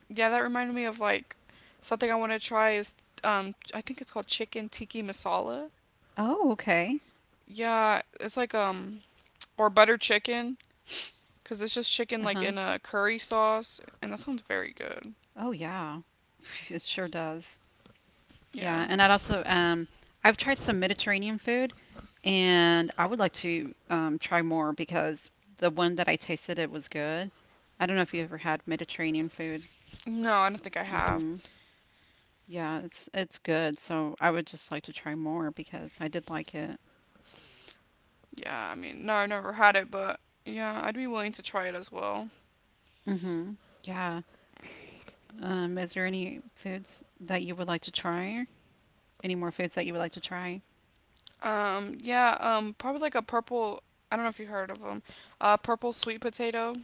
S1: yeah, that reminded me of like something I want to try is I think it's called chicken tiki masala.
S2: Oh, okay.
S1: Yeah, it's like or butter chicken, cuz it's just chicken like
S2: Uh-huh.
S1: in a curry sauce and that sounds very good.
S2: Oh, yeah. It sure does. Yeah,
S1: Yeah.
S2: and I'd also I've tried some Mediterranean food and I would like to try more because the one that I tasted it was good. I don't know if you ever had Mediterranean food.
S1: No, I don't think I have.
S2: Mm-hmm. Yeah, it's good. So I would just like to try more because I did like it.
S1: Yeah, I mean, no, I've never had it, but yeah, I'd be willing to try it as well.
S2: Mm-hmm. Yeah. Is there any foods that you would like to try? Any more foods that you would like to try?
S1: Yeah, probably like a purple, I don't know if you heard of them. Purple sweet potato.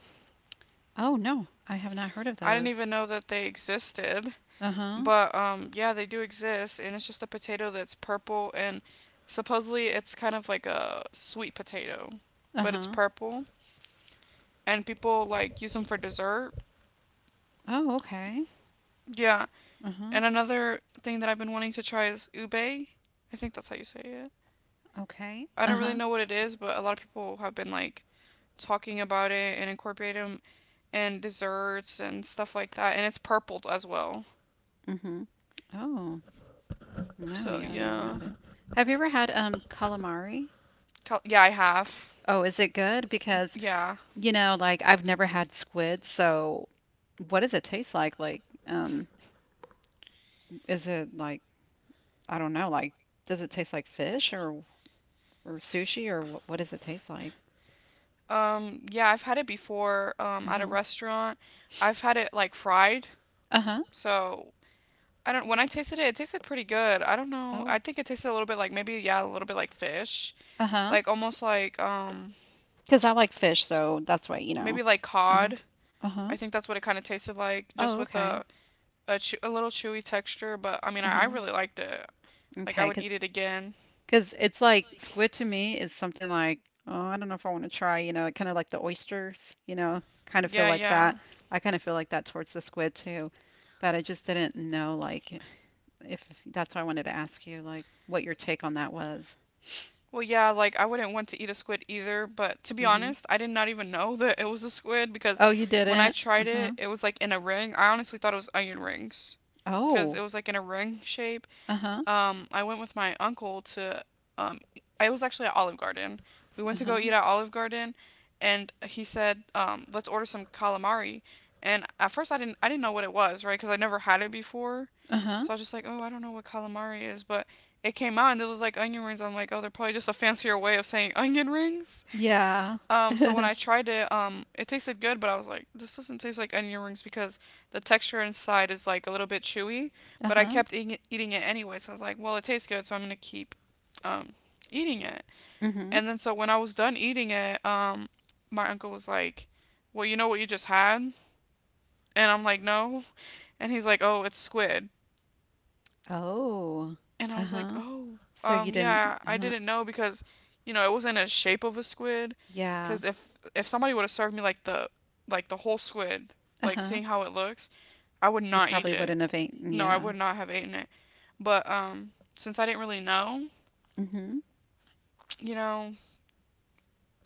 S2: Oh, no, I have not heard of
S1: I didn't
S2: those.
S1: even know that they existed.
S2: Uh-huh.
S1: But yeah, they do exist, and it's just a potato that's purple, and supposedly it's kind of like a sweet potato, but it's
S2: Uh-huh.
S1: purple, and people like use them for dessert.
S2: Oh, okay.
S1: Yeah,
S2: Uh-huh.
S1: and another thing that I've been wanting to try is ube. I think that's how you say it.
S2: Okay.
S1: I don't really
S2: Uh-huh.
S1: know what it is, but a lot of people have been like talking about it and incorporating them in desserts and stuff like that, and it's purple as well.
S2: Mm-hmm. Oh, no,
S1: So
S2: yeah, I never
S1: yeah,
S2: had it. Have you ever had calamari?
S1: yeah, I have.
S2: Oh, is it good? Because,
S1: Yeah.
S2: you know, like I've never had squid, so what does it taste like? Like, is it like I don't know, like does it taste like fish or sushi or what does it taste like?
S1: Yeah, I've had it before, at a
S2: Uh-huh.
S1: restaurant. I've had it like fried,
S2: Uh-huh.
S1: so I don't, when I tasted it, it tasted pretty good. I don't know. I
S2: Oh,
S1: think it tasted a little bit like maybe, yeah, a little bit like fish.
S2: uh-huh.
S1: Like almost like,
S2: Because I like fish, so that's why, you know.
S1: maybe like
S2: Uh-huh.
S1: cod.
S2: Uh-huh.
S1: I think that's what it kind of tasted like, just
S2: Oh,
S1: with
S2: okay.
S1: a little chewy texture, but I mean, I
S2: Uh-huh.
S1: really liked it. Like I
S2: Okay,
S1: would eat
S2: 'cause
S1: it again.
S2: because it's like squid to me is something like, oh, I don't know if I want to try, you know, kind of like the oysters, you know, kind of feel
S1: Yeah,
S2: like
S1: yeah.
S2: that. I kind of feel like that towards the squid too. But I just didn't know, like, if that's why I wanted to ask you, like, what your take on that was.
S1: Well, yeah, like I wouldn't want to eat a squid either, but to be
S2: Hmm
S1: honest, I did not even know that it was a squid because
S2: Oh, you
S1: when I
S2: didn't?
S1: tried it,
S2: Uh-huh.
S1: it was like in a ring. I honestly thought it was onion rings because it
S2: Oh,
S1: was like in a ring shape.
S2: uh-huh.
S1: I went with my uncle to, um, I was actually at Olive Garden. We went to go
S2: Uh-huh.
S1: eat at Olive Garden, and he said, "Let's order some calamari." And at first, I didn't know what it was, right? Because I never had it before,
S2: Uh-huh.
S1: so I was just like, "Oh, I don't know what calamari is," but it came out and it looked like onion rings. I'm like, "Oh, they're probably just a fancier way of saying onion rings."
S2: Yeah.
S1: So when I tried it, it tasted good, but I was like, this doesn't taste like onion rings because the texture inside is like a little bit chewy. But I
S2: Uh-huh.
S1: kept eating it anyway, so I was like, well, it tastes good, so I'm gonna keep, um, eating it.
S2: Mm-hmm.
S1: And then so when I was done eating it, my uncle was like, well, you know what you just had? And I'm like, no. And he's like, oh, it's squid.
S2: Oh,
S1: And I was like,
S2: uh-huh.
S1: oh,
S2: So you didn't,
S1: yeah, I
S2: uh-huh.
S1: didn't know because, you know, it wasn't a shape of a squid.
S2: Yeah.
S1: Cause if somebody would have served me like the whole squid, like
S2: Uh-huh.
S1: seeing how it looks, I would
S2: You
S1: not eat
S2: probably
S1: it.
S2: wouldn't have eaten,
S1: No, I
S2: yeah.
S1: would not have eaten it. But since I didn't really know,
S2: Mhm.
S1: you know,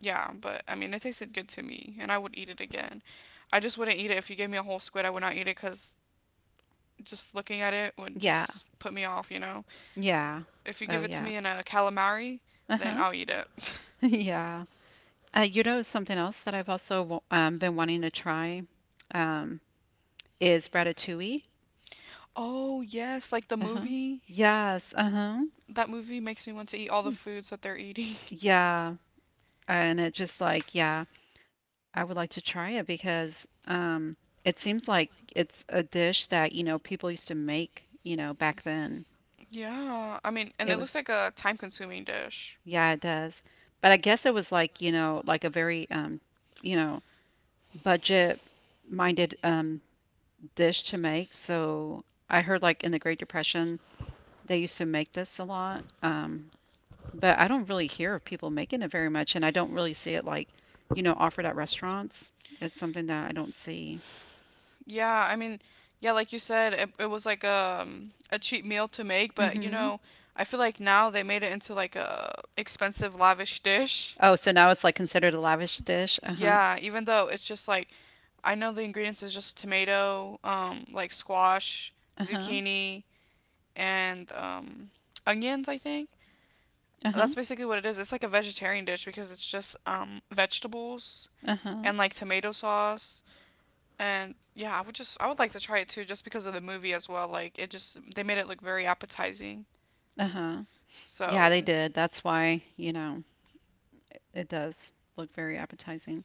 S1: yeah. But I mean, it tasted good to me, and I would eat it again. I just wouldn't eat it if you gave me a whole squid. I would not eat it because just looking at it would
S2: Yeah.
S1: just put me off, you know.
S2: Yeah.
S1: If you
S2: Oh,
S1: give it to
S2: yeah.
S1: me in a calamari, then
S2: Uh-huh.
S1: I'll eat it.
S2: Yeah. You know, something else that I've also been wanting to try um, is ratatouille.
S1: Oh yes, like the
S2: Uh-huh.
S1: movie.
S2: Yes. Uh-huh.
S1: That movie makes me want to eat all the foods that they're eating.
S2: Yeah. And it just like, yeah, I would like to try it because it seems like it's a dish that, you know, people used to make, you know, back then.
S1: Yeah, I mean, and
S2: It
S1: it looks
S2: was,
S1: like a time-consuming dish.
S2: yeah, it does. But I guess it was like, you know, like a very, you know, budget minded dish to make. So I heard like in the Great Depression, they used to make this a lot. But I don't really hear of people making it very much. And I don't really see it like, you know, offered at restaurants. It's something that I don't see.
S1: Yeah, I mean, yeah, like you said, it was like a cheap meal to make, but you
S2: Hmm
S1: know, I feel like now they made it into like a expensive, lavish dish.
S2: Oh, so now it's like considered a lavish dish. Uh-huh.
S1: Yeah, even though it's just like I know the ingredients is just tomato, like squash,
S2: Uh-huh.
S1: zucchini, and onions, I think.
S2: Uh-huh.
S1: That's basically what it is. It's like a vegetarian dish because it's just vegetables
S2: Uh-huh.
S1: and like tomato sauce. And yeah, I would like to try it too, just because of the movie as well. Like it just they made it look very appetizing.
S2: Uh-huh. Yeah,
S1: So yeah,
S2: they
S1: they
S2: did.
S1: did.
S2: That's
S1: That's why,
S2: why, you know, it does look very appetizing.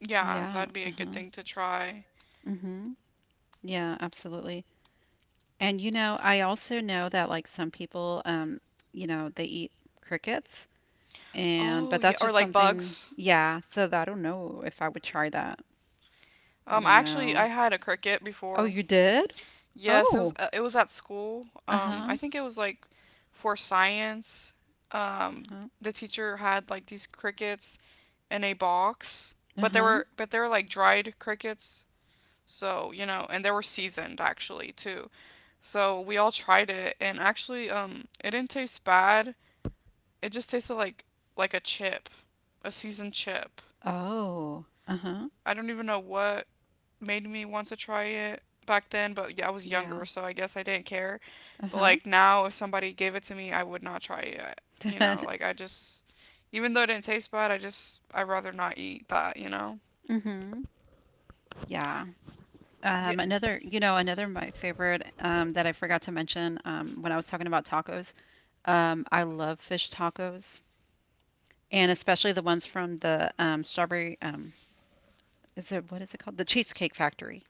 S1: you know. Yeah,
S2: Yeah.
S1: that'd be a good
S2: Uh-huh.
S1: thing to try.
S2: Mm-hmm. Yeah, absolutely. And you know, I also know that like some people, you know, they eat crickets, and
S1: Oh
S2: but
S1: yeah,
S2: that's
S1: or
S2: just
S1: like
S2: something,
S1: bugs.
S2: yeah. So I don't know if I would try that. I
S1: I
S2: don't
S1: actually
S2: know.
S1: I had a cricket
S2: Oh,
S1: before.
S2: you did?
S1: Yes,
S2: Oh,
S1: it was at school. I
S2: uh-huh,
S1: think it was like for science. Um,
S2: uh-huh,
S1: the teacher had like these crickets in a box, but they
S2: uh-huh.
S1: were but they were like dried crickets. So, you know, and they were seasoned actually too. So we all tried it and actually it didn't taste bad. It just tasted like a chip, a seasoned chip.
S2: Oh, uh-huh,
S1: I don't even know what made me want to try it back then, but yeah, I was younger,
S2: yeah,
S1: so I guess I didn't care. But
S2: uh-huh.
S1: like now if somebody gave it to me, I would not try it. You know, like I just even though it didn't taste bad, I'd rather not eat that, you know?
S2: Mm-hmm. Yeah.
S1: Yeah.
S2: Another, you know, another of my favorite that I forgot to mention when I was talking about tacos. I love fish tacos. And especially the ones from the strawberry. Is it what is it called? The Cheesecake Factory.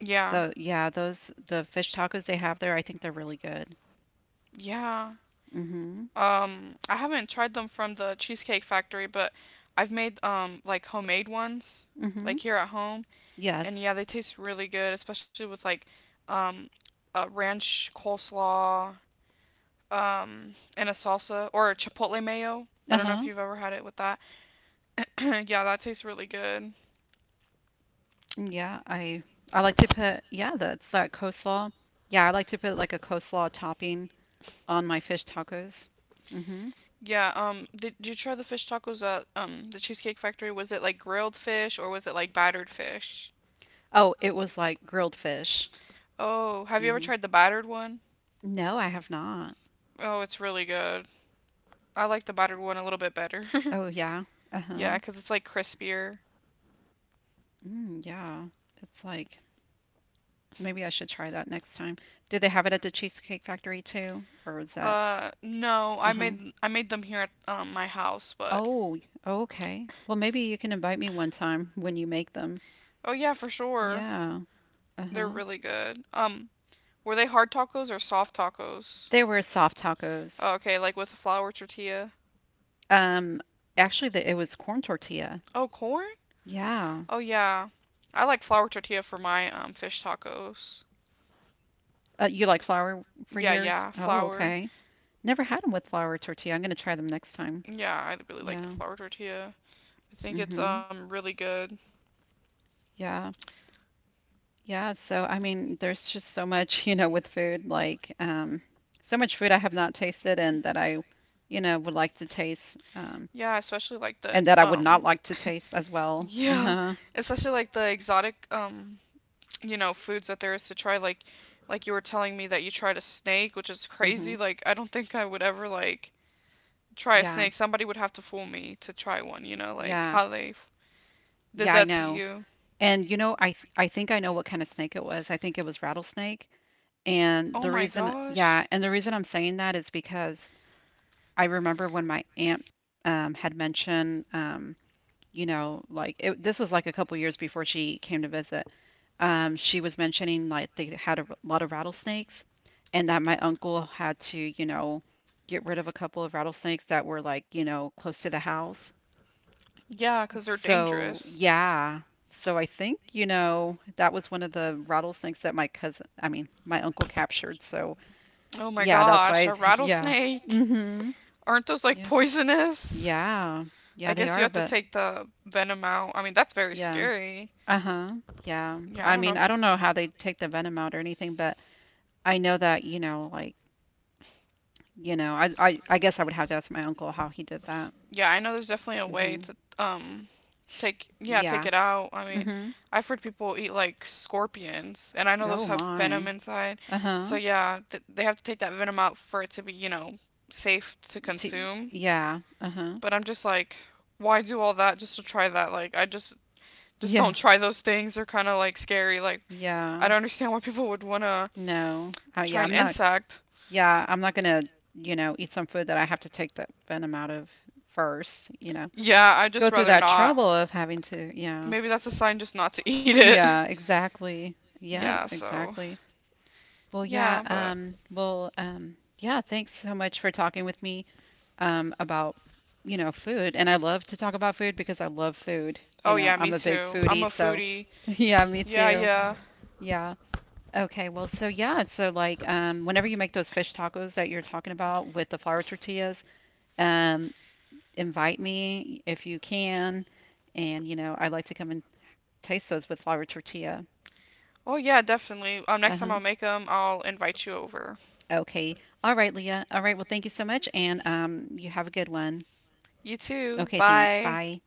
S1: Yeah.
S2: The yeah, those the fish tacos they have there. I think they're really good.
S1: Yeah.
S2: Mhm.
S1: I haven't tried them from the Cheesecake Factory, but I've made like homemade ones,
S2: Mhm.
S1: like here at home, and
S2: Yes.
S1: yeah, they taste really good, especially with like um a ranch coleslaw and a salsa or a chipotle mayo. I
S2: Uh
S1: don't know if
S2: huh.
S1: you've ever had it with that. Yeah, that tastes really good.
S2: Yeah. I like to put yeah. That's that coleslaw. Yeah, I like to put like a coleslaw topping on my fish tacos. Mhm.
S1: Yeah, um, did you try the fish tacos at the Cheesecake Factory? Was it like grilled fish or was it like battered fish?
S2: Oh, it was like grilled fish.
S1: Oh, have you ever
S2: Mhm.
S1: tried the battered one?
S2: No, I have not.
S1: Oh, it's really good. I like the buttered one a little bit better.
S2: Oh yeah. Uh
S1: Yeah,
S2: huh.
S1: cuz it's like crispier.
S2: Mm, yeah. It's like maybe I should try that next time. Do they have it at the Cheesecake Factory too? Or is that,
S1: No, I
S2: uh-huh.
S1: made I made them here at my house, but
S2: Oh, okay. Well, maybe you can invite me one time when you make them.
S1: oh yeah, for sure.
S2: Yeah.
S1: They're
S2: Uh-huh.
S1: really good. Were they hard tacos or soft tacos?
S2: They were soft tacos.
S1: Oh, okay, like with the flour tortilla.
S2: Um, Actually, it was corn tortilla.
S1: Oh, corn?
S2: Yeah.
S1: Oh yeah. I like flour tortilla for my fish tacos.
S2: You like flour for
S1: Yeah,
S2: yours?
S1: yeah,
S2: Oh,
S1: flour.
S2: okay. Never had them with flour tortilla. I'm gonna try them next time.
S1: Yeah, I really like the
S2: Yeah.
S1: flour tortilla. I think it's
S2: Mm-hmm.
S1: really good.
S2: Yeah. Yeah, so I mean, there's just so much, you know, with food, like so much food I have not tasted and that I, you know, would like to taste,
S1: Yeah, I especially like the
S2: and that I would not like to taste as well.
S1: yeah,
S2: Uh-huh.
S1: especially like the exotic, you know, foods that there is to try. Like you were telling me that you tried a snake, which is
S2: hmm
S1: crazy. Like, I don't think I would ever like try a
S2: Yeah,
S1: snake. Somebody would have to fool me to try one. You know, like
S2: yeah,
S1: how they did
S2: yeah, I
S1: that to
S2: know.
S1: you.
S2: And you know, I think I know what kind of snake it was. I think it was rattlesnake. And
S1: Oh
S2: the
S1: my
S2: reason,
S1: gosh.
S2: yeah, and the reason I'm saying that is because I remember when my aunt had mentioned, you know, like it, this was like a couple years before she came to visit. She was mentioning like they had a lot of rattlesnakes, and that my uncle had to, you know, get rid of a couple of rattlesnakes that were like, you know, close to the house.
S1: Yeah, cause they're
S2: So,
S1: dangerous.
S2: yeah. So I think, you know, that was one of the rattlesnakes that my I mean, my uncle captured. So,
S1: Oh my
S2: yeah, that's
S1: gosh,
S2: why,
S1: a
S2: yeah.
S1: rattlesnake.
S2: Mm-hmm.
S1: Aren't those like
S2: Yeah.
S1: poisonous?
S2: Yeah. Yeah,
S1: I
S2: they
S1: guess you
S2: are,
S1: have to
S2: but
S1: take the venom out. I mean, that's very
S2: yeah.
S1: scary.
S2: Uh-huh. Yeah.
S1: Yeah,
S2: I
S1: I don't
S2: mean,
S1: know.
S2: I don't know how they take the venom out or anything, but I know that, you know, like you know, I guess I would have to ask my uncle how he did that.
S1: Yeah, I know there's definitely a way
S2: Hmm
S1: to um take yeah, take
S2: Yeah.
S1: it out. I mean,
S2: hmm
S1: I've heard people eat like scorpions, and I know those
S2: Oh
S1: have venom
S2: my.
S1: inside. So
S2: Uh-huh.
S1: yeah, they have to take that venom out for it to be, you know, safe to
S2: T
S1: consume.
S2: yeah. Uh-huh.
S1: But I'm just like, why do all that just to try that? Like, I just don't
S2: Yeah.
S1: try those things. They're kind of like scary. Like, I
S2: Yeah.
S1: don't understand why people would want to
S2: No. Oh
S1: try an insect.
S2: yeah, I'm not gonna, you know, eat some food that I have to take the venom out of first, you know.
S1: Yeah, I'd
S2: Go
S1: just
S2: through
S1: rather
S2: that
S1: not.
S2: trouble of having to, yeah.
S1: Maybe that's a sign just not to eat it.
S2: Yeah, exactly.
S1: Yeah,
S2: Yep,
S1: so
S2: exactly. Well,
S1: yeah,
S2: yeah,
S1: but
S2: well, yeah, thanks so much for talking with me. About, you know, food. And I love to talk about food because I love food. You
S1: oh
S2: know,
S1: yeah, me
S2: I'm a big
S1: too. I'm a
S2: foodie. So,
S1: foodie.
S2: yeah, me
S1: Yeah,
S2: too.
S1: yeah.
S2: Yeah. Okay. Well, so yeah. So, like, whenever you make those fish tacos that you're talking about with the flour tortillas, um, invite me if you can. And, you know, I like to come and taste those with flour tortilla.
S1: Oh yeah, definitely. Next time I'll
S2: Uh-huh.
S1: make them, I'll invite you over.
S2: Okay. All right, Leah. All right. Well, thank you so much. And you have a good one.
S1: You too.
S2: Okay, thanks.
S1: Bye.
S2: Bye.